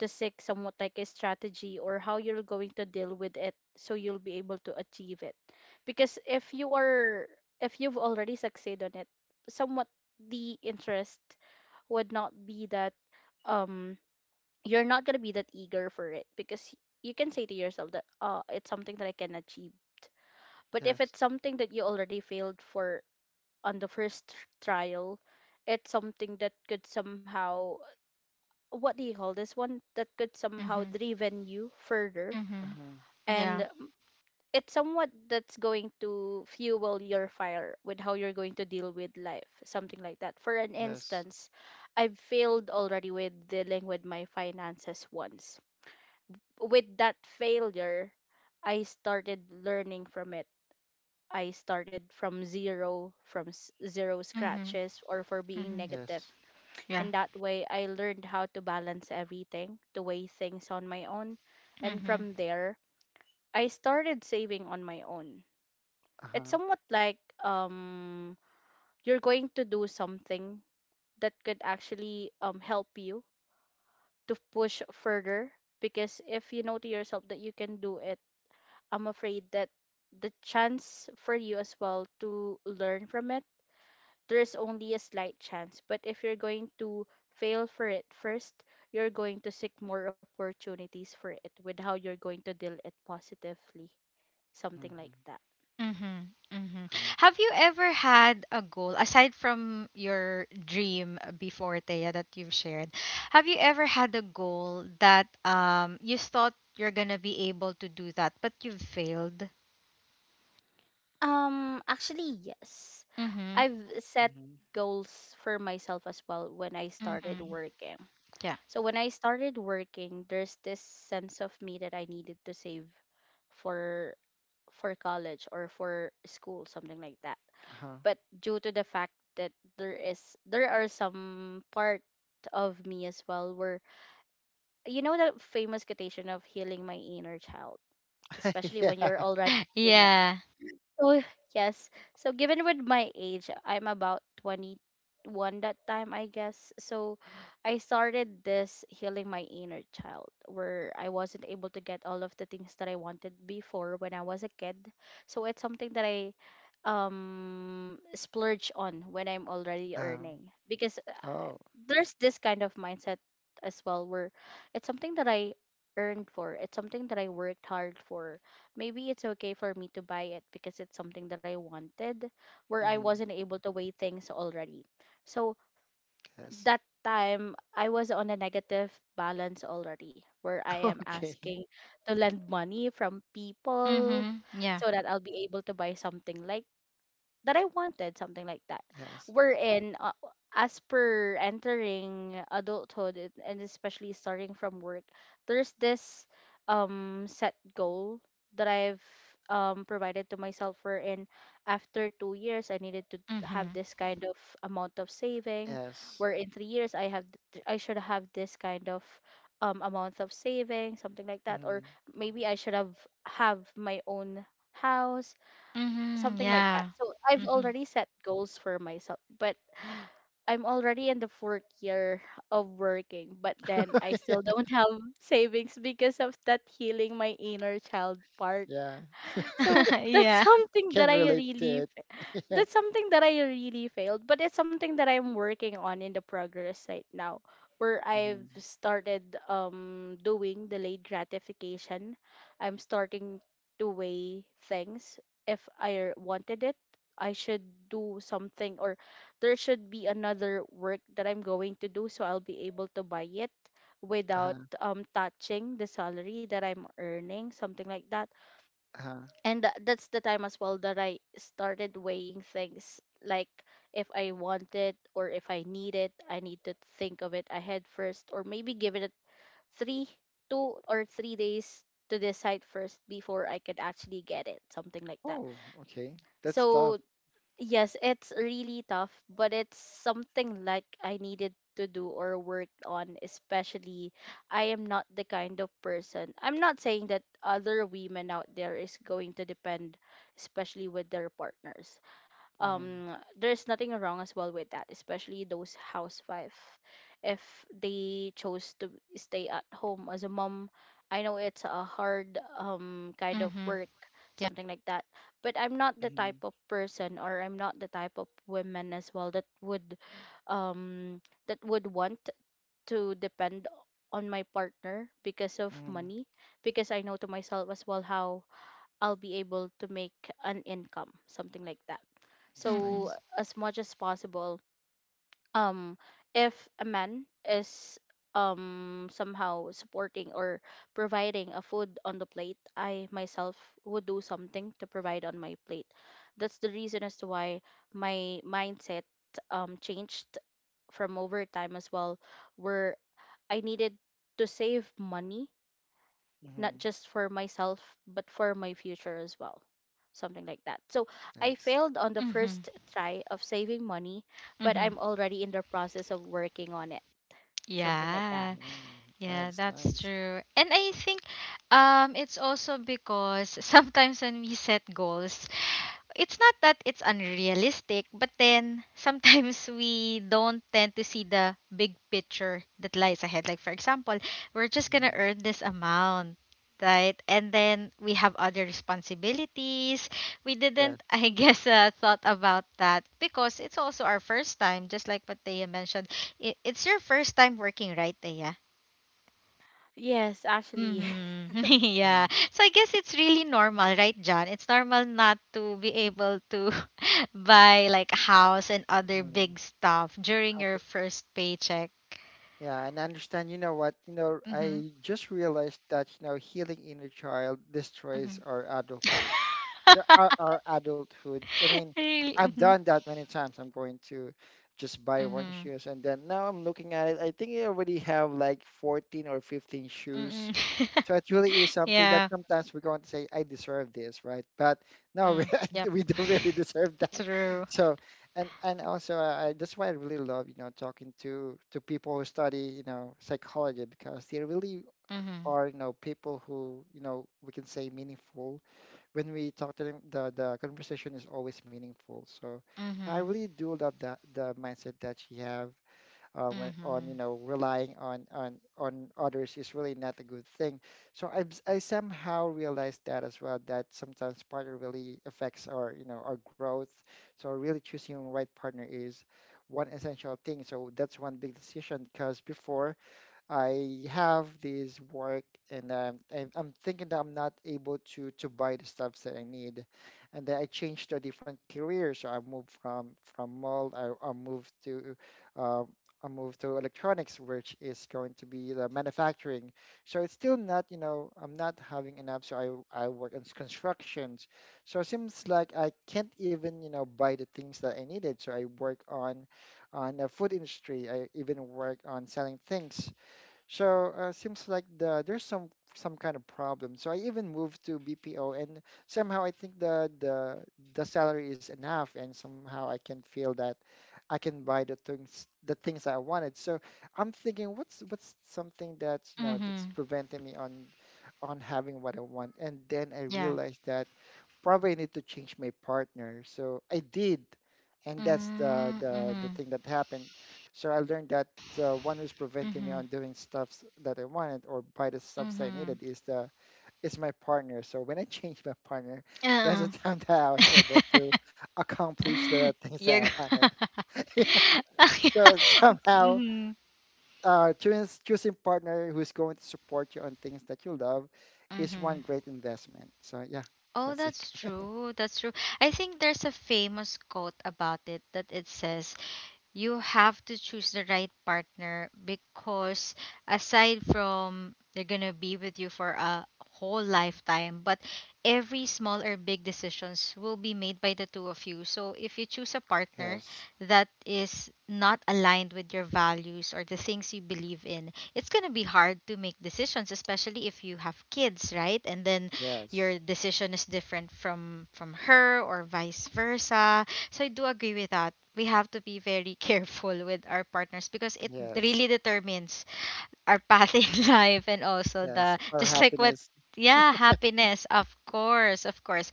C: to seek somewhat like a strategy or how you're going to deal with it so you'll be able to achieve it. Because if you've already succeeded on it, somewhat the interest would not be that um you're not gonna be that eager for it, because you can say to yourself that it's something that I can achieve. But if
B: yes.
C: it's something that you already failed for on the first trial, it's something that could somehow, what do you call this one, that could somehow
A: Mhm.
C: driven you further,
A: Mhm.
B: Mm-hmm.
A: Yeah.
C: and it's somewhat that's going to fuel your fire with how you're going to deal with life, something like that. For an
B: Yes.
C: instance, I've failed already with dealing with my finances once. With that failure, I started learning from it. I started from zero, from zero
A: Mhm.
C: scratches, or for being
A: Mhm.
C: negative.
B: Yes.
A: Yeah.
C: And that way, I learned how to balance everything, to weigh things on my own. And
A: Mhm.
C: from there, I started saving on my own. It's
B: Uh-huh.
C: somewhat like, you're going to do something that could actually, help you to push further. Because if you know to yourself that you can do it, I'm afraid that the chance for you as well to learn from it, there's only a slight chance. But if you're going to fail for it first, you're going to seek more opportunities for it with how you're going to deal it positively. Something
B: Mm-hmm.
C: like that.
A: Mhm. Mhm.
B: Right.
A: Have you ever had a goal aside from your dream before, Thea, that you've shared? Have you ever had a goal that you thought you're gonna be able to do that but you've failed?
C: Actually, yes.
A: Mhm.
C: I've set
B: Mm-hmm.
C: goals for myself as well when I started
A: Mhm.
C: working. So when I started working, there's this sense of me that I needed to save for for college or for school, something like that.
B: Uh-huh.
C: But due to the fact that there are some part of me as well where you know that famous quotation of healing my inner child, especially when
B: Yeah.
C: you're already learning.
A: Yeah.
C: So yes. So given with my age, I'm about 21 that time, I guess. So I started this healing my inner child where I wasn't able to get all of the things that I wanted before when I was a kid. So it's something that I splurge on when I'm already
B: Um.
C: earning, because
B: Oh.
C: there's this kind of mindset as well where it's something that I earned for. It's something that I worked hard for. Maybe it's okay for me to buy it because it's something that I wanted, where I
B: Mm-hmm.
C: wasn't able to weigh things already. So
B: Yes.
C: that time, I was on a negative balance already, where I am
B: Okay.
C: asking to lend money from people
A: Mhm. Yeah.
C: so that I'll be able to buy something like that I wanted, something like that.
B: Yes.
C: Wherein, as per entering adulthood and especially starting from work, there's this set goal that I've provided to myself, wherein after 2 years I needed to have
A: Mhm.
C: this kind of amount of saving,
B: Yes.
C: where in 3 years I should have this kind of amount of saving, something like that,
B: Mm-hmm.
C: or maybe I should have my own house,
A: Mhm.
C: something like that.
A: Yeah.
C: So I've
A: Mhm.
C: already set goals for myself, but I'm already in the fourth year of working, but then I still don't have savings because of that healing my inner child part.
B: Yeah.
C: So that's
A: Yeah.
C: something that
B: Can
C: I
B: relate to
C: really
B: it. Yeah.
C: that's something that I really failed, but it's something that I'm working on in the progress right now, where I've
B: Mm-hmm.
C: started doing delayed gratification. I'm starting to weigh things. If I wanted it, I should do something, or there should be another work that I'm going to do, so I'll be able to buy it without
B: Uh-huh.
C: touching the salary that I'm earning, something like that,
B: Uh-huh.
C: and that's the time as well that I started weighing things like, if I want it or if I need it, I need to think of it ahead first, or maybe give it three, 2 or 3 days to decide first before I could actually get it, something like that.
B: Oh, okay. That's tough.
C: So yes, it's really tough, but it's something like I needed to do or work on, especially I am not the kind of person. I'm not saying that other women out there is going to depend, especially with their partners.
B: Mm-hmm.
C: There's nothing wrong as well with that, especially those housewife if they chose to stay at home as a mom. I know it's a hard kind of
A: Mhm.
C: work,
A: Yeah.
C: something like that, but I'm not the
B: Mm-hmm.
C: type of person, or I'm not the type of women as well um that would want to depend on my partner because of
B: Mm-hmm.
C: money, because I know to myself as well how I'll be able to make an income, something like that.
B: That's
C: So
A: Mhm.
B: nice.
C: as much as possible, um, if a man is somehow supporting or providing a food on the plate, I myself would do something to provide on my plate. That's the reason as to why my mindset changed from overtime as well, where I needed to save money not
B: Mm-hmm.
C: just for myself, but for my future as well. Something like that. So I
B: Nice.
C: failed on the
A: Mhm.
C: first try of saving money, but
A: Mhm.
C: I'm already in the process of working on it. Something like that.
A: Yeah.
B: Mm-hmm. That
A: Yeah,
B: is
A: that's
B: nice.
A: true. And I think it's also because sometimes when we set goals, it's not that it's unrealistic, but then sometimes we don't tend to see the big picture that lies ahead. Like, for example, we're just going to
B: Mm-hmm.
A: earn this amount, right? And then we have other responsibilities. We didn't,
B: Yes.
A: I guess, thought about that because it's also our first time, just like what Thea mentioned. It's your first time working, right, Thea?
C: Yes, actually.
A: Mm-hmm.
B: Mm-hmm.
A: Yeah. So I guess it's really normal, right, John? It's normal not to be able to buy like a house and other
B: Mm-hmm,
A: big stuff during your
B: okay.
A: first paycheck.
B: Yeah, and I understand, you know what,
A: Mm-hmm.
B: I just realized that, healing inner child
A: Mm-hmm.
B: destroys our adulthood. Yeah, our adulthood. I mean,
A: Really.
B: I've
A: Mm-hmm.
B: done that many times. I'm going to just buy one
A: Mm-hmm.
B: shoes, and then now I'm looking at it. I think I already have like 14 or 15 shoes.
A: Mm-hmm.
B: So it really is something that
A: Yeah.
B: sometimes we're going to say, I deserve this, right? But no,
A: Mm-hmm.
B: we,
A: Yep.
B: we don't really deserve that.
A: True.
B: So, and also, that's why I really love, talking to people who study, psychology, because they really
A: Mm-hmm.
B: are, people who, we can say meaningful when we talk to them. The conversation is always meaningful. So yeah, I
A: Mm-hmm.
B: really do love that the mindset that she have, when on,
A: Mm-hmm.
B: relying on others is really not a good thing. So I somehow realized that as well, that sometimes partner really affects our you know our growth. So really choosing the right partner is one essential thing. So that's one big decision, because before I have this work, and I'm thinking that I'm not able to buy the stuffs that I need. And then I changed to a different career. So I moved from mall, uh, I moved to electronics, which is going to be the manufacturing. So it's still not, I'm not having enough. So I work in constructions. So it seems like I can't even, buy the things that I needed. So I work on the food industry. I even work on selling things. So seems like there's some kind of problem. So I even moved to BPO, and somehow I think the salary is enough, and somehow I can feel that I can buy the things I wanted. So I'm thinking, what's something that's you know that's
A: Mm-hmm.
B: preventing me on having what I want? And then I
A: Yeah.
B: realized that probably I need to change my partner. So I did, and that's the
A: Mm-hmm.
B: the the
A: Mm-hmm.
B: thing that happened. So I learned that the one who's preventing me
A: Mm-hmm.
B: on doing stuffs that I wanted, or buy the stuffs I
A: Mm-hmm.
B: needed, is my partner. So when I changed my partner, that's the
A: Uh-uh.
B: time that I was able to accomplish the things
A: You're
B: that I
A: go-
B: wanted. Yeah. So somehow,
A: Mhm,
B: choosing partner who's going to support you on things that you love is
A: mhm.
B: one great investment. So yeah,
A: Oh,
B: that's it.
A: that's true. That's true. I think there's a famous quote about it that it says, you have to choose the right partner because aside from they're gonna be with you for a whole lifetime, but every small or big decisions will be made by the two of you. So if you choose a partner
B: Yes,
A: that is not aligned with your values or the things you believe in, it's gonna be hard to make decisions, especially if you have kids, right? And then
B: yes.
A: your decision is different from her or vice versa. So I do agree with that. We have to be very careful with our partners because it
B: Yes,
A: really determines our path in life and also the
B: yes, or
A: just like what
B: happiness.
A: yeah, happiness. Of course, of course.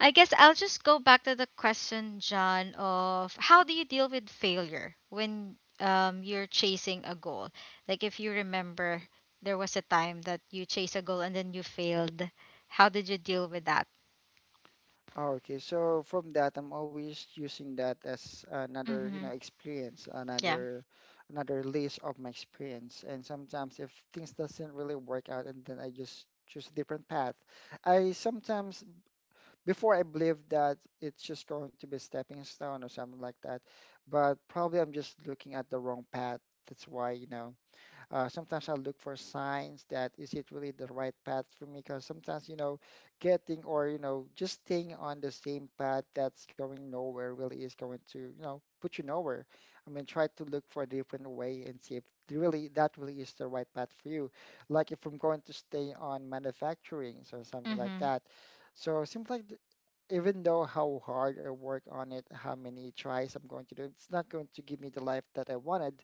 A: I guess I'll just go back to the question, John, of how do you deal with failure when, you're chasing a goal? Like if you remember there was a time that you chased a goal and then you failed. How did you deal with that?
B: Oh, okay, so from that, I'm always using that as another,
A: Mhm.
B: experience,
A: Yeah.
B: another list of my experience. And sometimes, if things doesn't really work out, and then I just choose a different path. I sometimes Before I believe that it's just going to be a stepping stone or something like that, but probably I'm just looking at the wrong path. That's why, sometimes I look for signs, that is it really the right path for me? Because sometimes, getting, or, just staying on the same path that's going nowhere really is going to, put you nowhere. I mean, try to look for a different way and see if really that really is the right path for you. Like if I'm going to stay on manufacturing, so something like
A: Mhm.
B: that. So it seems like even though how hard I work on it, how many tries I'm going to do, it's not going to give me the life that I wanted.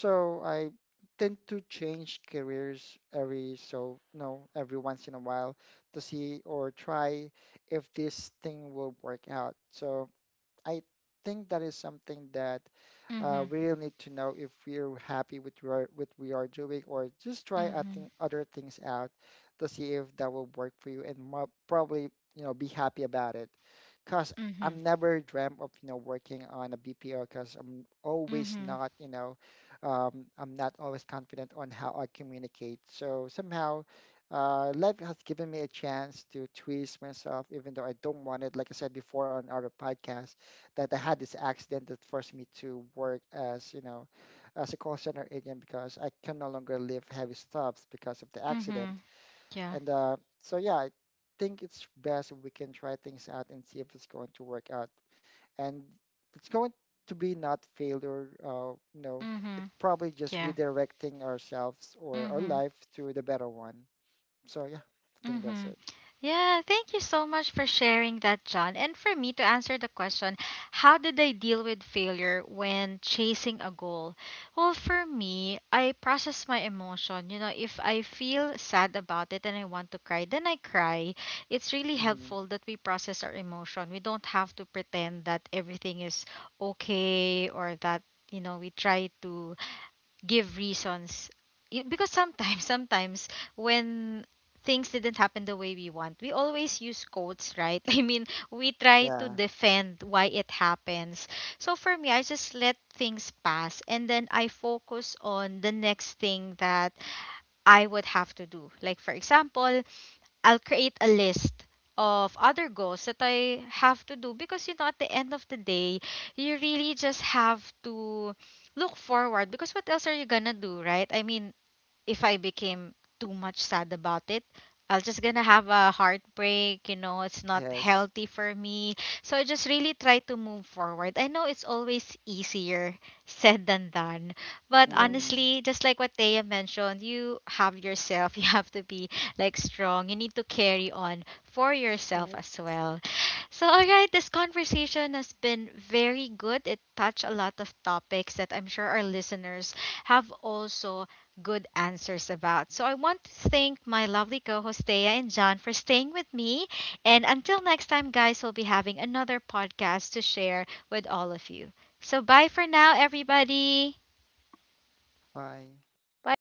B: So I tend to change careers, every so no every once in a while, to see or try if this thing will work out. So I think that is something that,
A: Mhm.
B: we really need to know if we're happy with what with we are doing, or just try I
A: Mhm.
B: other things out to see if that will work for you, and probably, be happy about it. Cause I'm
A: Mhm.
B: never dreamt of, working on a BPO, cause I'm always
A: Mhm.
B: not you know I'm not always confident on how I communicate. So somehow, life has given me a chance to twist myself, even though I don't want it. Like I said before on our podcast, that I had this accident that forced me to work as, as a call center agent, because I can no longer lift heavy stuffs because of the accident.
A: Mhm. Yeah.
B: And so, yeah, I think it's best if we can try things out and see if it's going to work out. And it's going to be not failure, it's
A: Mhm.
B: probably just
A: Yeah.
B: redirecting ourselves or our
A: Mhm.
B: life to the better one. So, yeah, I think that's
A: Mhm.
B: it.
A: Yeah, thank you so much for sharing that, John. And for me to answer the question, how did I deal with failure when chasing a goal? Well, for me, I process my emotion. You know, if I feel sad about it and I want to cry, then I cry. It's really
B: Hmm.
A: helpful that we process our emotion. We don't have to pretend that everything is okay or that, you know, we try to give reasons. Because sometimes sometimes when things didn't happen the way we want, we always use quotes, right? I mean, we try to
B: Yeah.
A: defend why it happens. So for me, I just let things pass and then I focus on the next thing that I would have to do. Like, for example, I'll create a list of other goals that I have to do because, you know, at the end of the day, you really just have to look forward because what else are you gonna do, right? I mean, if I became too much sad about it, I'll just gonna have a heartbreak, you know, it's not
B: Yes.
A: healthy for me. So I just really try to move forward. I know it's always easier said than done. But
B: Hmm.
C: Yes.
A: honestly, just like what Thea mentioned, you have yourself, you have to be like strong. You need to carry on for yourself
C: Yes.
A: as well. So, all right, this conversation has been very good. It touched a lot of topics that I'm sure our listeners have also good answers about. So I want to thank my lovely co host Thea and John for staying with me. And until next time, guys, we'll be having another podcast to share with all of you. So bye for now, everybody.
B: Bye.
C: Bye,